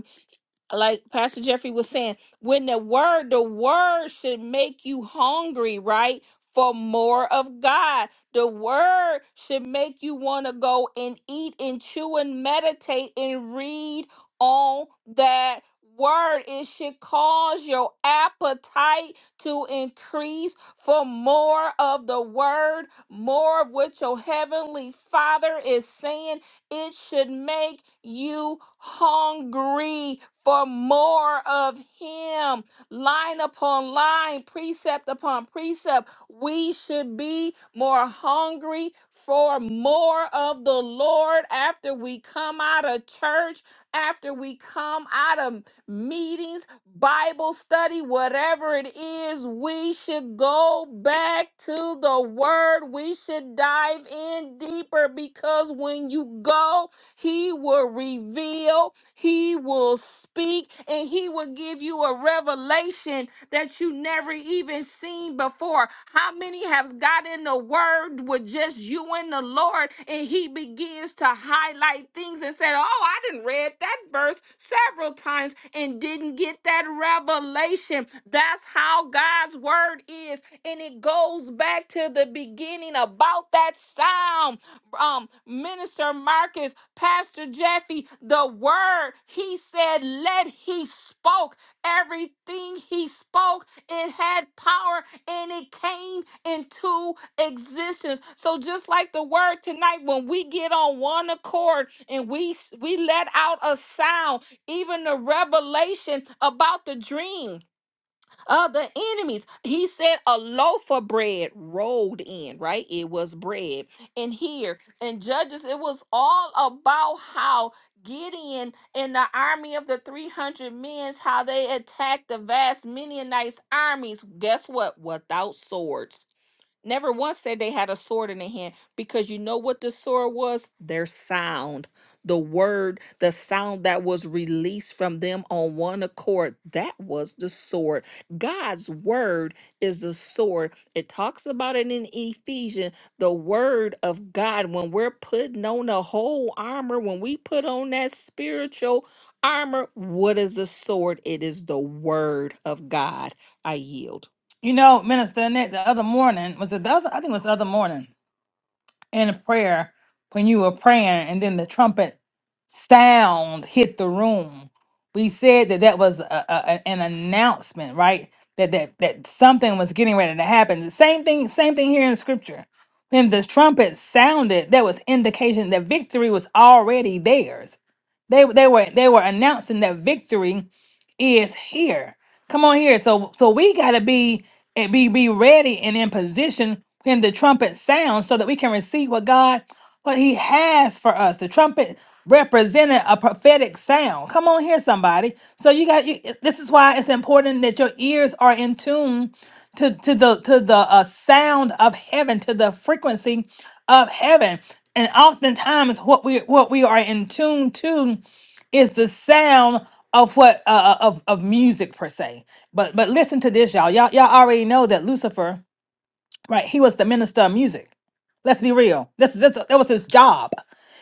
Speaker 3: like Pastor Jeffrey was saying, when the word, the word should make you hungry, right? For more of God. The word should make you want to go and eat and chew and meditate and read on that word. It should cause your appetite to increase for more of the word, more of what your heavenly Father is saying it should make you hungry for more of Him. Line upon line, precept upon precept. We should be more hungry for more of the Lord after we come out of church, after we come out of meetings Bible study, whatever it is, we should go back to the word. We should dive in deeper because when you go, he will reveal, he will speak, and he will give you a revelation that you never even seen before door. How many have got in the word with just you and the Lord, and He begins to highlight things and said, Oh, I didn't read that verse several times and didn't get that revelation. That's how God's word is. And it goes back to the beginning about that sound um, Minister Marcus, Pastor Jeffy, the word he said, let he spoke. Everything he spoke, it had power and it came into existence. So just like the word tonight, when we get on one accord and we we let out a sound, even the revelation about the dream of the enemies. He said a loaf of bread rolled in, right? It was bread. And here in Judges, it was all about how Gideon and the army of the 300 men, how they attacked the vast Midianites armies. Guess what? Without swords. Never once said they had a sword in their hand because you know what the sword was? Their sound. The word, the sound that was released from them on one accord, that was the sword. God's word is the sword. It talks about it in Ephesians, the word of God. When we're putting on the whole armor, when we put on that spiritual armor, what is the sword? It is the word of God. I yield.
Speaker 1: you know minister Annette, the other morning was it the other i think it was the other morning in a prayer when you were praying and then the trumpet sound hit the room we said that that was a, a- a- an announcement right that, that that something was getting ready to happen the same thing same thing here in scripture when the trumpet sounded that was indication that victory was already theirs they they were they were announcing that victory is here come on here so so we got to be and be, be ready and in position when the trumpet sounds so that we can receive what God, what He has for us. The trumpet represented a prophetic sound. Come on here, somebody. So you got you, this is why it's important that your ears are in tune to, to the to the uh, sound of heaven, to the frequency of heaven. And oftentimes what we what we are in tune to is the sound of what uh, uh, of of music per se. But but listen to this, y'all. Y'all y'all already know that Lucifer, right? He was the minister of music. Let's be real. This, this that was his job.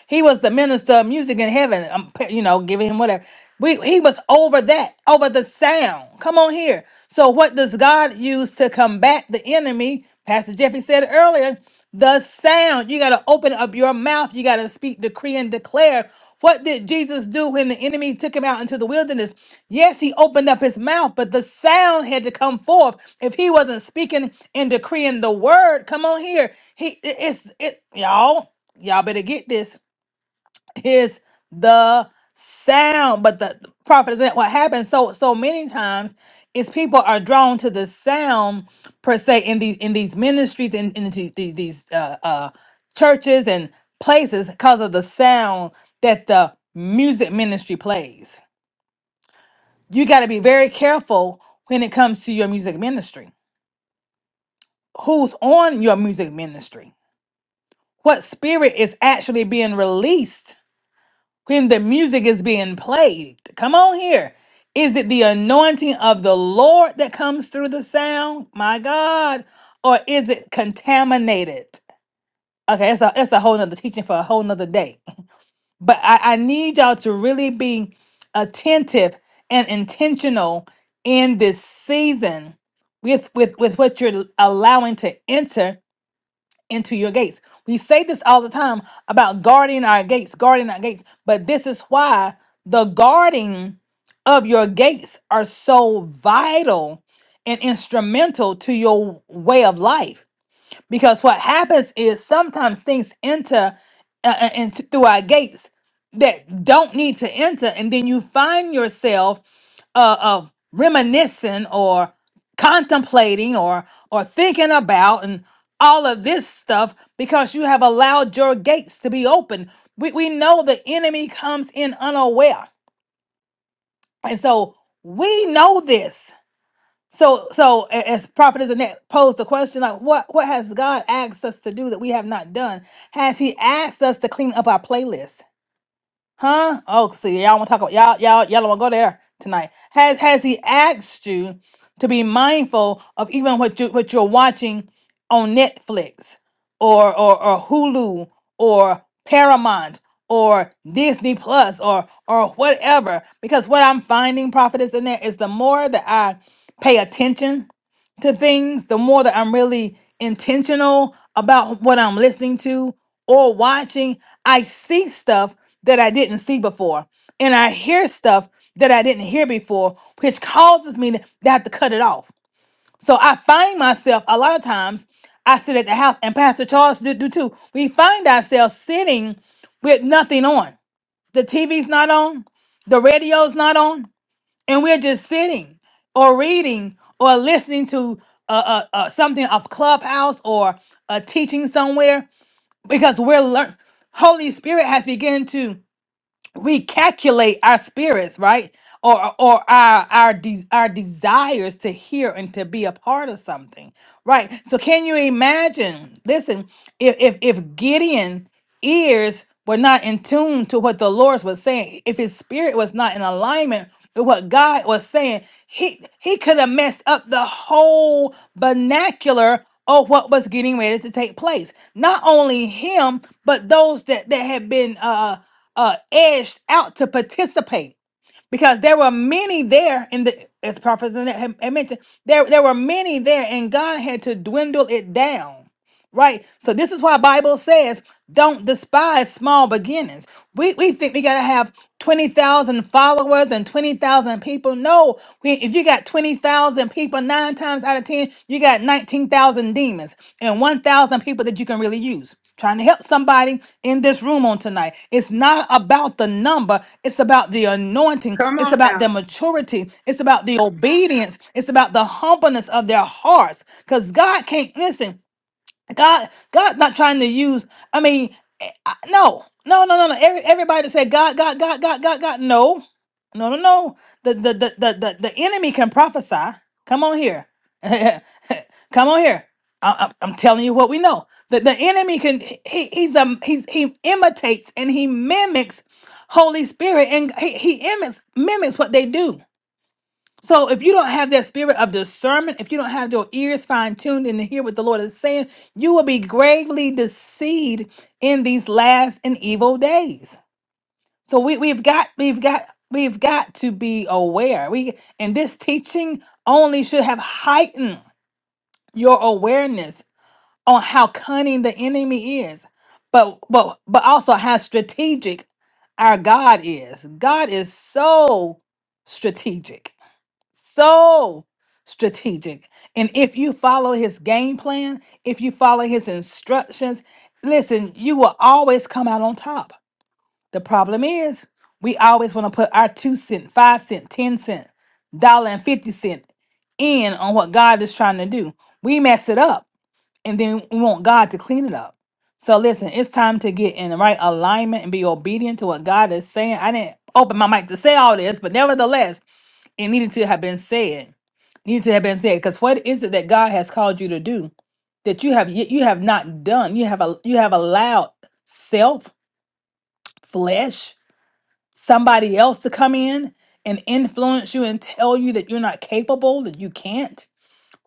Speaker 1: He was the minister of music in heaven. I'm, you know, giving him whatever. We, he was over that, over the sound. Come on here. So, what does God use to combat the enemy? Pastor Jeffrey said earlier, the sound. You got to open up your mouth. You got to speak, decree, and declare. What did Jesus do when the enemy took him out into the wilderness? Yes, he opened up his mouth, but the sound had to come forth. If he wasn't speaking and decreeing the word, come on here. He it- it's it y'all y'all better get this is the sound. But the prophet is not what happens so so many times is people are drawn to the sound per se in these in these ministries and in, these these, these uh, uh, churches and places because of the sound that the music ministry plays. You got to be very careful when it comes to your music ministry. Who's on your music ministry? What spirit is actually being released when the music is being played. Come on here. Is it the anointing of the Lord that comes through the sound? My God. Or is it contaminated? Okay, it's a, it's a whole nother teaching for a whole nother day. But I, I need y'all to really be attentive and intentional in this season with, with, with what you're allowing to enter into your gates. We say this all the time about guarding our gates, guarding our gates, but this is why the guarding of your gates are so vital and instrumental to your way of life. Because what happens is sometimes things enter uh, and through our gates that don't need to enter, and then you find yourself uh, of reminiscing or contemplating or or thinking about and all of this stuff because you have allowed your gates to be open. We, we know the enemy comes in unaware. And so we know this. So so a- as Prophet Annette posed the question, like what what has God asked us to do that we have not done? Has he asked us to clean up our playlist? Huh? Oh, see, y'all want to talk about y'all, y'all, y'all want to go there tonight. Has Has he asked you to be mindful of even what you what you're watching on Netflix or or or Hulu or Paramount or Disney Plus or or whatever? Because what I'm finding, prophetess, in there is the more that I pay attention to things, the more that I'm really intentional about what I'm listening to or watching, I see stuff that I didn't see before. And I hear stuff that I didn't hear before, which causes me to to have to cut it off. So I find myself a lot of times, I sit at the house, and Pastor Charles do, do too. We find ourselves sitting with nothing on. The TV's not on, the radio's not on, and we're just sitting or reading or listening to uh, uh, uh, something of clubhouse or a teaching somewhere because we're learning holy spirit has begun to recalculate our spirits, right? Or or our our de- our desires to hear and to be a part of something, right? So can you imagine? Listen, if if if Gideon ears were not in tune to what the Lord was saying, if his spirit was not in alignment with what God was saying, he he could have messed up the whole vernacular of what was getting ready to take place. Not only him, but those that that had been uh uh, edged out to participate because there were many there in the as prophets had had mentioned there there were many there and god had to dwindle it down Right. So this is why Bible says don't despise small beginnings. We we think we gotta have twenty thousand followers and twenty thousand people. No, we, if you got twenty thousand people, nine times out of ten, you got nineteen thousand demons and one thousand people that you can really use. Trying to help somebody in this room on tonight. It's not about the number. It's about the anointing.
Speaker 6: come
Speaker 1: It's
Speaker 6: on
Speaker 1: about
Speaker 6: now
Speaker 1: their maturity. It's about the obedience. It's about the humbleness of their hearts. Because God can't listen. God, God's not trying to use. I mean, eh, I- no, no, no, no, no. Every, everybody that said God, God, God, God, God, God. No, no, no, no. The the the the the, the enemy can prophesy. Come on here, come on here. I, I, am telling you what we know. The the enemy can. He he's um he's he imitates and he mimics Holy Spirit and he he imits, mimics what they do. So if you don't have that spirit of discernment, if you don't have your ears fine tuned and to hear what the Lord is saying, you will be gravely deceived in these last and evil days. So we, we've got we've got we've got to be aware. We and this teaching only should have heightened your awareness on how cunning the enemy is, but but but also how strategic our God is. God is so strategic so strategic. And if you follow his game plan, if you follow his instructions, listen, you will always come out on top. The problem is, we always want to put our two cent, five cent, ten cent, dollar and fifty cent in on what God is trying to do. We mess it up and then we want God to clean it up. So listen, it's time to get in the right alignment and be obedient to what God is saying. I didn't open my mic to say all this, but nevertheless, it needed to have been said. Needed to have been said. Because what is it that God has called you to do that you have yet you have not done? You have a you have allowed self, flesh, somebody else to come in and influence you and tell you that you're not capable, that you can't.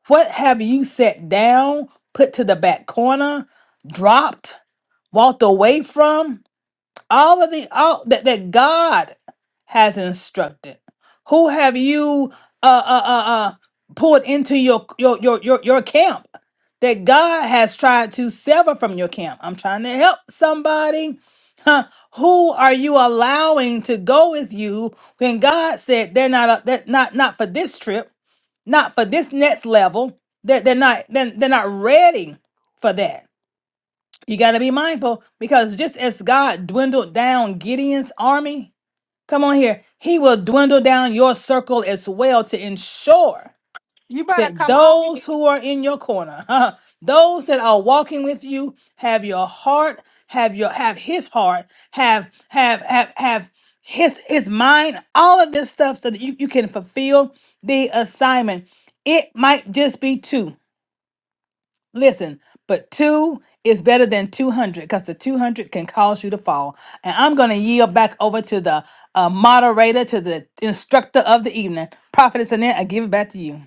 Speaker 1: What have you set down, put to the back corner, dropped, walked away from? all of the all that, that God has instructed. Who have you uh uh uh, uh poured into your your your your your camp that God has tried to sever from your camp? I'm trying to help somebody. Huh. Who are you allowing to go with you when God said they're not uh, that not not for this trip, not for this next level? That they're, they're not they're, they're not ready for that. You got to be mindful because just as God dwindled down Gideon's army, come on here, he will dwindle down your circle as well to ensure
Speaker 3: You better
Speaker 1: that
Speaker 3: come on
Speaker 1: those who are in your corner, those that are walking with you, have your heart, have your have his heart, have have have have his his mind, all of this stuff so that you, you can fulfill the assignment. It might just be two. Listen, but two is better than 200 because the 200 can cause you to fall. And I'm going to yield back over to the uh, moderator, to the instructor of the evening. Prophetess Annette, I give it back to you.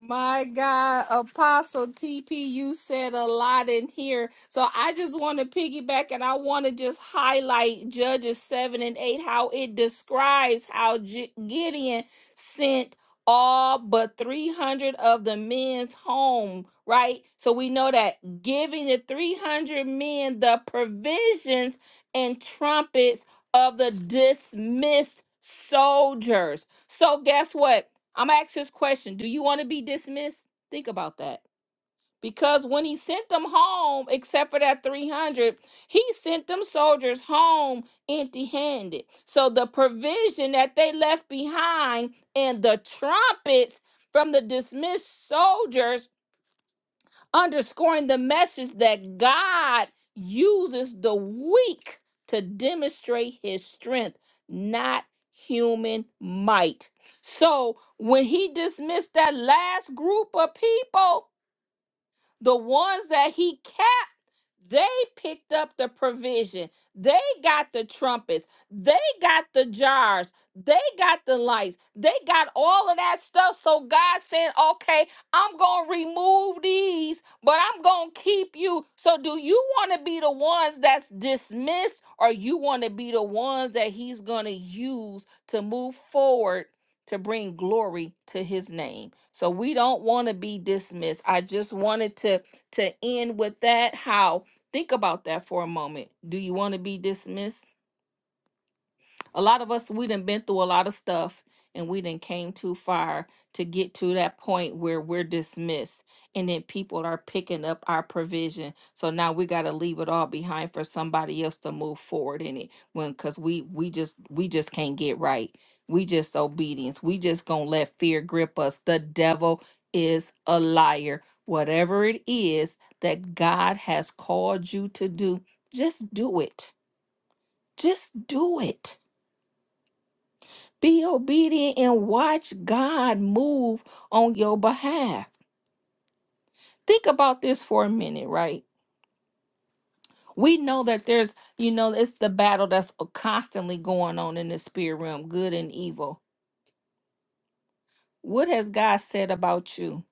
Speaker 3: My God, Apostle TP, you said a lot in here. So I just want to piggyback and I want to just highlight Judges 7 and 8, how it describes how G- Gideon sent all but 300 of the men's home, right? So we know that giving the 300 men the provisions and trumpets of the dismissed soldiers. So guess what? I'm gonna ask this question. Do you want to be dismissed? Think about that. Because when he sent them home, except for that 300, he sent them soldiers home empty handed. So the provision that they left behind and the trumpets from the dismissed soldiers underscoring the message that God uses the weak to demonstrate his strength, not human might. So when he dismissed that last group of people, the ones that he kept, they picked up the provision. They got the trumpets. They got the jars. They got the lights. They got all of that stuff. So God said, okay, I'm going to remove these, but I'm going to keep you. So do you want to be the ones that's dismissed or you want to be the ones that he's going to use to move forward to bring glory to his name. So we don't want to be dismissed. I just wanted to to end with that how think about that for a moment. Do you want to be dismissed? A lot of us, we done been through a lot of stuff and we done came too far to get to that point where we're dismissed and then people are picking up our provision. So now we got to leave it all behind for somebody else to move forward in it when cuz we we just we just can't get right. We just obedience. We just going to let fear grip us. The devil is a liar. Whatever it is that God has called you to do, just do it. Just do it be obedient and watch God move on your behalf. Think about this for a minute, right? We know that there's, you know, it's the battle that's constantly going on in the spirit realm, good and evil. What has God said about you?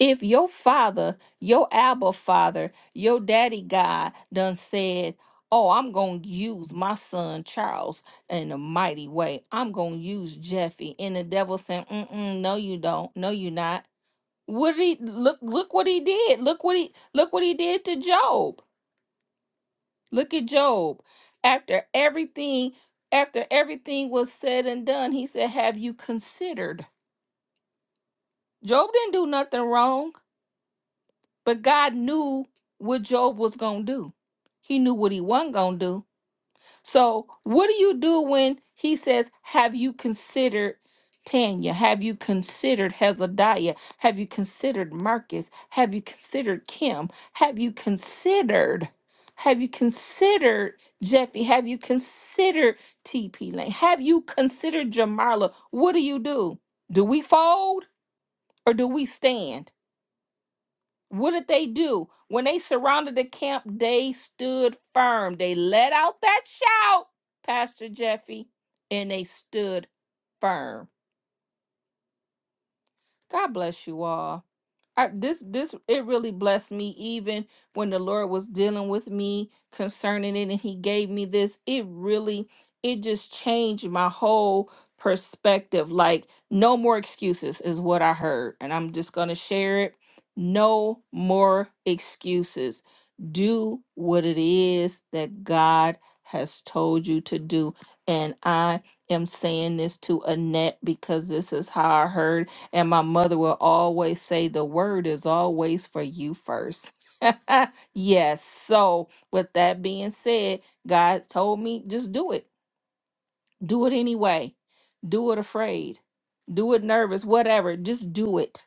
Speaker 3: If your father, your Abba father, your daddy God done said, Oh, I'm going to use my son Charles in a mighty way. I'm going to use Jeffy. And the devil saying, Mm-mm, No, you don't. No, you're not no you not What he look look what he did. Look what he look what he did to Job. Look at Job. After everything, after everything was said and done, he said, Have you considered? Job didn't do nothing wrong, but God knew what Job was gonna do. He knew what he wasn't gonna do. So, what do you do when he says, Have you considered Tanya? Have you considered Hezadiah? Have you considered Marcus? Have you considered Kim? Have you considered? Have you considered Jeffy? Have you considered TP Lane? Have you considered Jamarla? What do you do? Do we fold or do we stand? What did they do? When they surrounded the camp, they stood firm. They let out that shout, Pastor Jeffy, and they stood firm. God bless you all. I, this this it really blessed me even when the lord was dealing with me concerning it and he gave me this it really it just changed my whole perspective like no more excuses is what i heard and i'm just going to share it no more excuses do what it is that god has told you to do and i am saying this to annette because this is how i heard and my mother will always say, the word is always for you first. yes. So, with that being said, God told me just do it. Do it anyway. Do it afraid. Do it nervous, whatever. Just do it.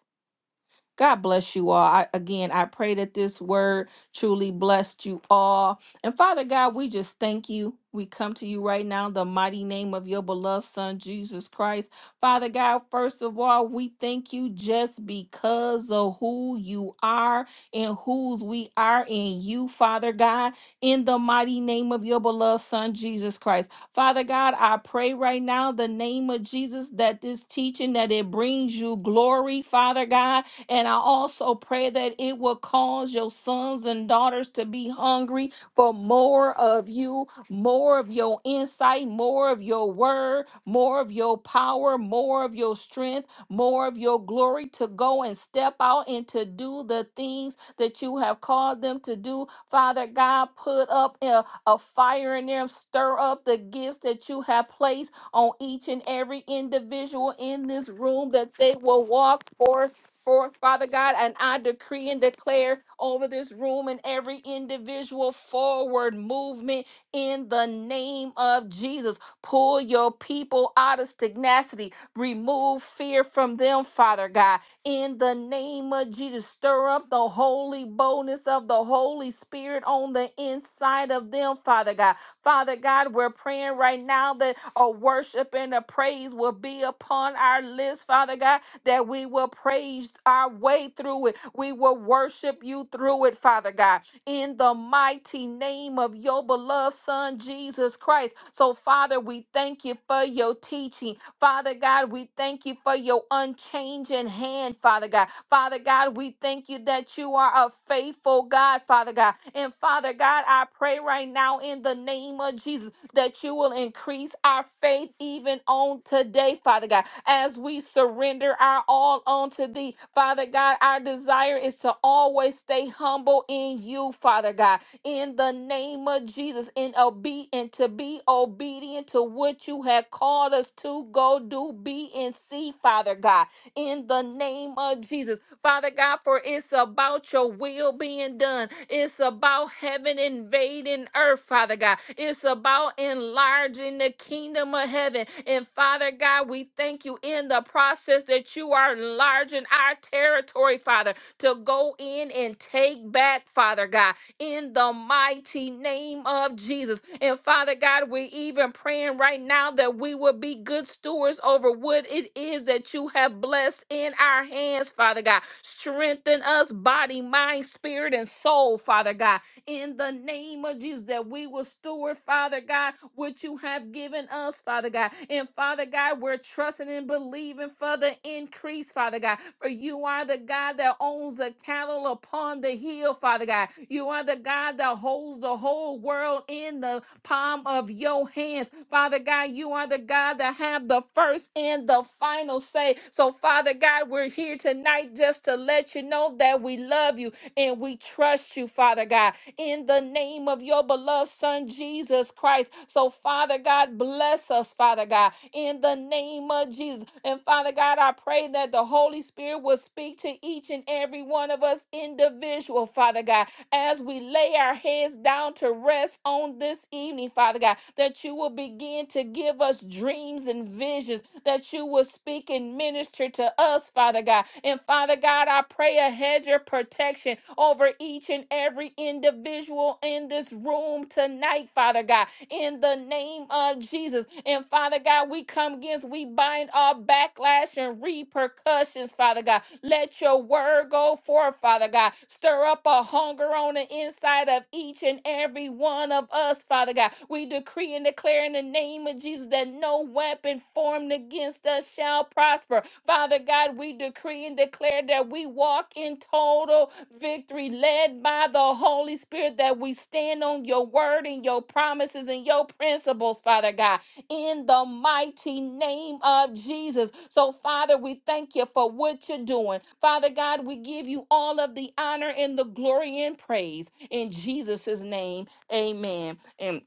Speaker 3: God bless you all. I, again, I pray that this word truly blessed you all. And Father God, we just thank you. We come to you right now in the mighty name of your beloved Son, Jesus Christ. Father God, first of all, we thank you just because of who you are and whose we are in you, Father God, in the mighty name of your beloved Son, Jesus Christ. Father God, I pray right now in the name of Jesus that this teaching, that it brings you glory, Father God and I also pray that it will cause your sons and daughters to be hungry for more of you, more of your insight, more of your word, more of your power, more of your strength, more of your glory to go and step out and to do the things that you have called them to do. Father God, put up a, a fire in them, stir up the gifts that you have placed on each and every individual in this room that they will walk forth for Father God, and I decree and declare over this room and every individual forward movement in the name of Jesus. Pull your people out of stagnancy. Remove fear from them, Father God. In the name of Jesus, stir up the holy boldness of the Holy Spirit on the inside of them, Father God. Father God, we're praying right now that a worship and a praise will be upon our lips, Father God that we will praise our way through it. We will worship you through it, Father God, in the mighty name of your beloved Son, Jesus Christ. So, Father, we thank you for your teaching. Father God, we thank you for your unchanging hand, Father God. Father God, we thank you that you are a faithful God, Father God and Father God, I pray right now in the name of Jesus that you will increase our faith even on today, Father God, as we surrender our all unto thee. Father God, our desire is to always stay humble in you, Father God, in the name of Jesus, in obe- and to be obedient to what you have called us to go do, be, and see, Father God in the name of Jesus. Father God, for it's about your will being done. It's about heaven invading earth, Father God. It's about enlarging the kingdom of heaven. And Father God, we thank you in the process that you are enlarging our territory, Father, to go in and take back, Father God in the mighty name of Jesus. And Father God, we're even praying right now that we will be good stewards over what it is that you have blessed in our hands, Father God. Strengthen us, body, mind, spirit, and soul, Father God in the name of Jesus that we will steward, Father God, what you have given us, Father God. And Father God, we're trusting and believing for the increase, Father God. For you are the God that owns the cattle upon the hill, Father God. You are the God that holds the whole world in the palm of your hands. Father God, you are the God that have the first and the final say. So, Father God, we're here tonight just to let you know that we love you and we trust you, Father God in the name of your beloved Son, Jesus Christ. So, Father God, bless us, Father God, in the name of Jesus. And, Father God, I pray that the Holy Spirit will speak to each and every one of us individual, Father God, as we lay our heads down to rest on this evening, Father God, that you will begin to give us dreams and visions visions that you will speak and minister to us, Father God. And Father God, I pray a hedge of protection over each and every individual in this room tonight, Father God, in the name of Jesus. And Father God, we come against, we bind all backlash and repercussions, Father God. Let your word go forth, Father God. Stir stir up a hunger on the inside of each and every one of us, Father God. We decree and declare in the name of Jesus that no weapon formed against us shall prosper. Father God, we decree and declare that we walk in total victory, led by the Holy Spirit, that we stand on your word and your promises and your principles, Father God in the mighty name of Jesus. So, Father, we thank you for what you're doing. Father God, we give you all of the honor and the glory and praise in Jesus' name. Amen. And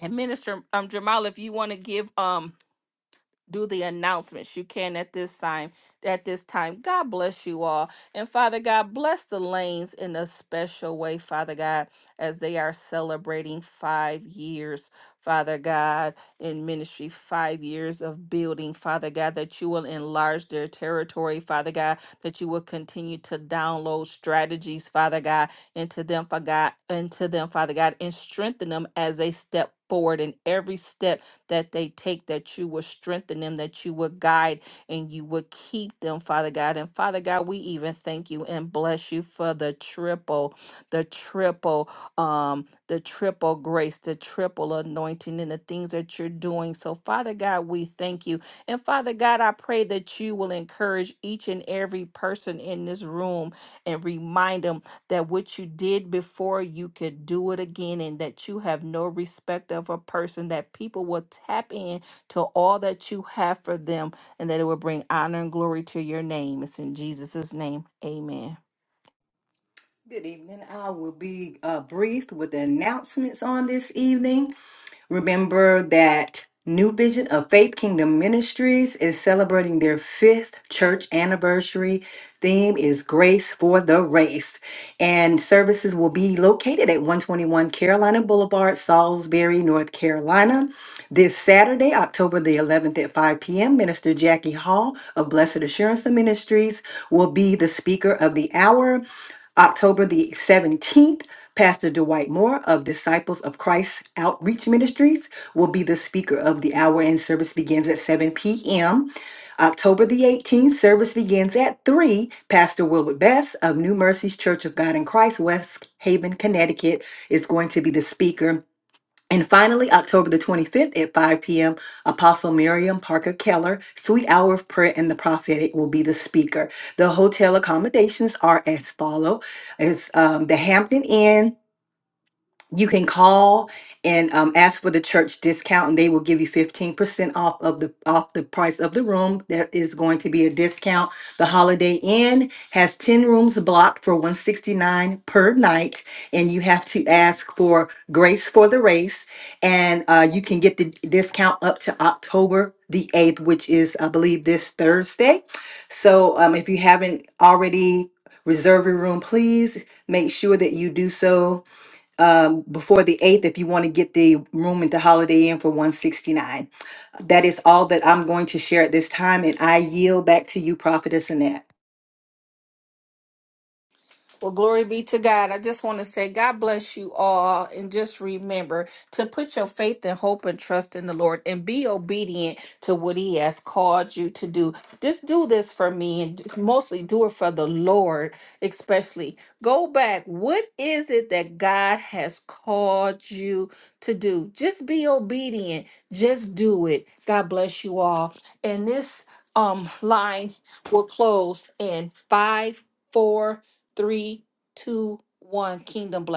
Speaker 3: and Minister um Jamal, if you want to give um do the announcements you can at this time at this time god bless you all and father god bless the lanes in a special way father god as they are celebrating five years father god in ministry five years of building father god that you will enlarge their territory father god that you will continue to download strategies father god into them father god into them father god and strengthen them as they step forward in every step that they take, that you will strengthen them, that you will guide and you will keep them, Father God. And Father God, we even thank you and bless you for the triple, the triple, um, the triple grace, the triple anointing, and the things that you're doing. So, Father God, we thank you. And Father God, I pray that you will encourage each and every person in this room and remind them that what you did before, you could do it again, and that you have no respect of a person, that people will tap in to all that you have for them, and that it will bring honor and glory to your name. It's in Jesus' name. Amen.
Speaker 2: Good evening. I will be uh, brief with the announcements on this evening. Remember that New Vision of Faith Kingdom Ministries is celebrating their fifth church anniversary. Theme is Grace for the Race. And services will be located at 121 Carolina Boulevard, Salisbury, North Carolina. This Saturday, October the 11th at 5 p.m., Minister Jackie Hall of Blessed Assurance Ministries will be the speaker of the hour. October the 17th, Pastor Dwight Moore of Disciples of Christ Outreach Ministries will be the speaker of the hour, and service begins at 7 p.m. October the 18th, service begins at 3. Pastor Wilbert Best of New Mercies Church of God in Christ, West Haven, Connecticut, is going to be the speaker. And finally, October the 25th at 5 p.m., Apostle Miriam Parker Keller, Sweet Hour of Prayer and the Prophetic will be the speaker. The hotel accommodations are as follow: is um, the Hampton Inn, you can call and um, ask for the church discount and they will give you 15% off of the off the price of the room there is going to be a discount the holiday inn has 10 rooms blocked for 169 per night and you have to ask for grace for the race and uh, you can get the discount up to october the 8th which is i believe this thursday so um, if you haven't already reserved your room please make sure that you do so um, before the 8th if you want to get the room into Holiday Inn for 169. That is all that I'm going to share at this time, and I yield back to you, Prophetess Annette.
Speaker 3: Well, glory be to God. I just want to say, God bless you all. And just remember to put your faith and hope and trust in the Lord and be obedient to what He has called you to do. Just do this for me and mostly do it for the Lord, especially. Go back. What is it that God has called you to do? Just be obedient. Just do it. God bless you all. And this um line will close in five, four three, two, one. Kingdom bless.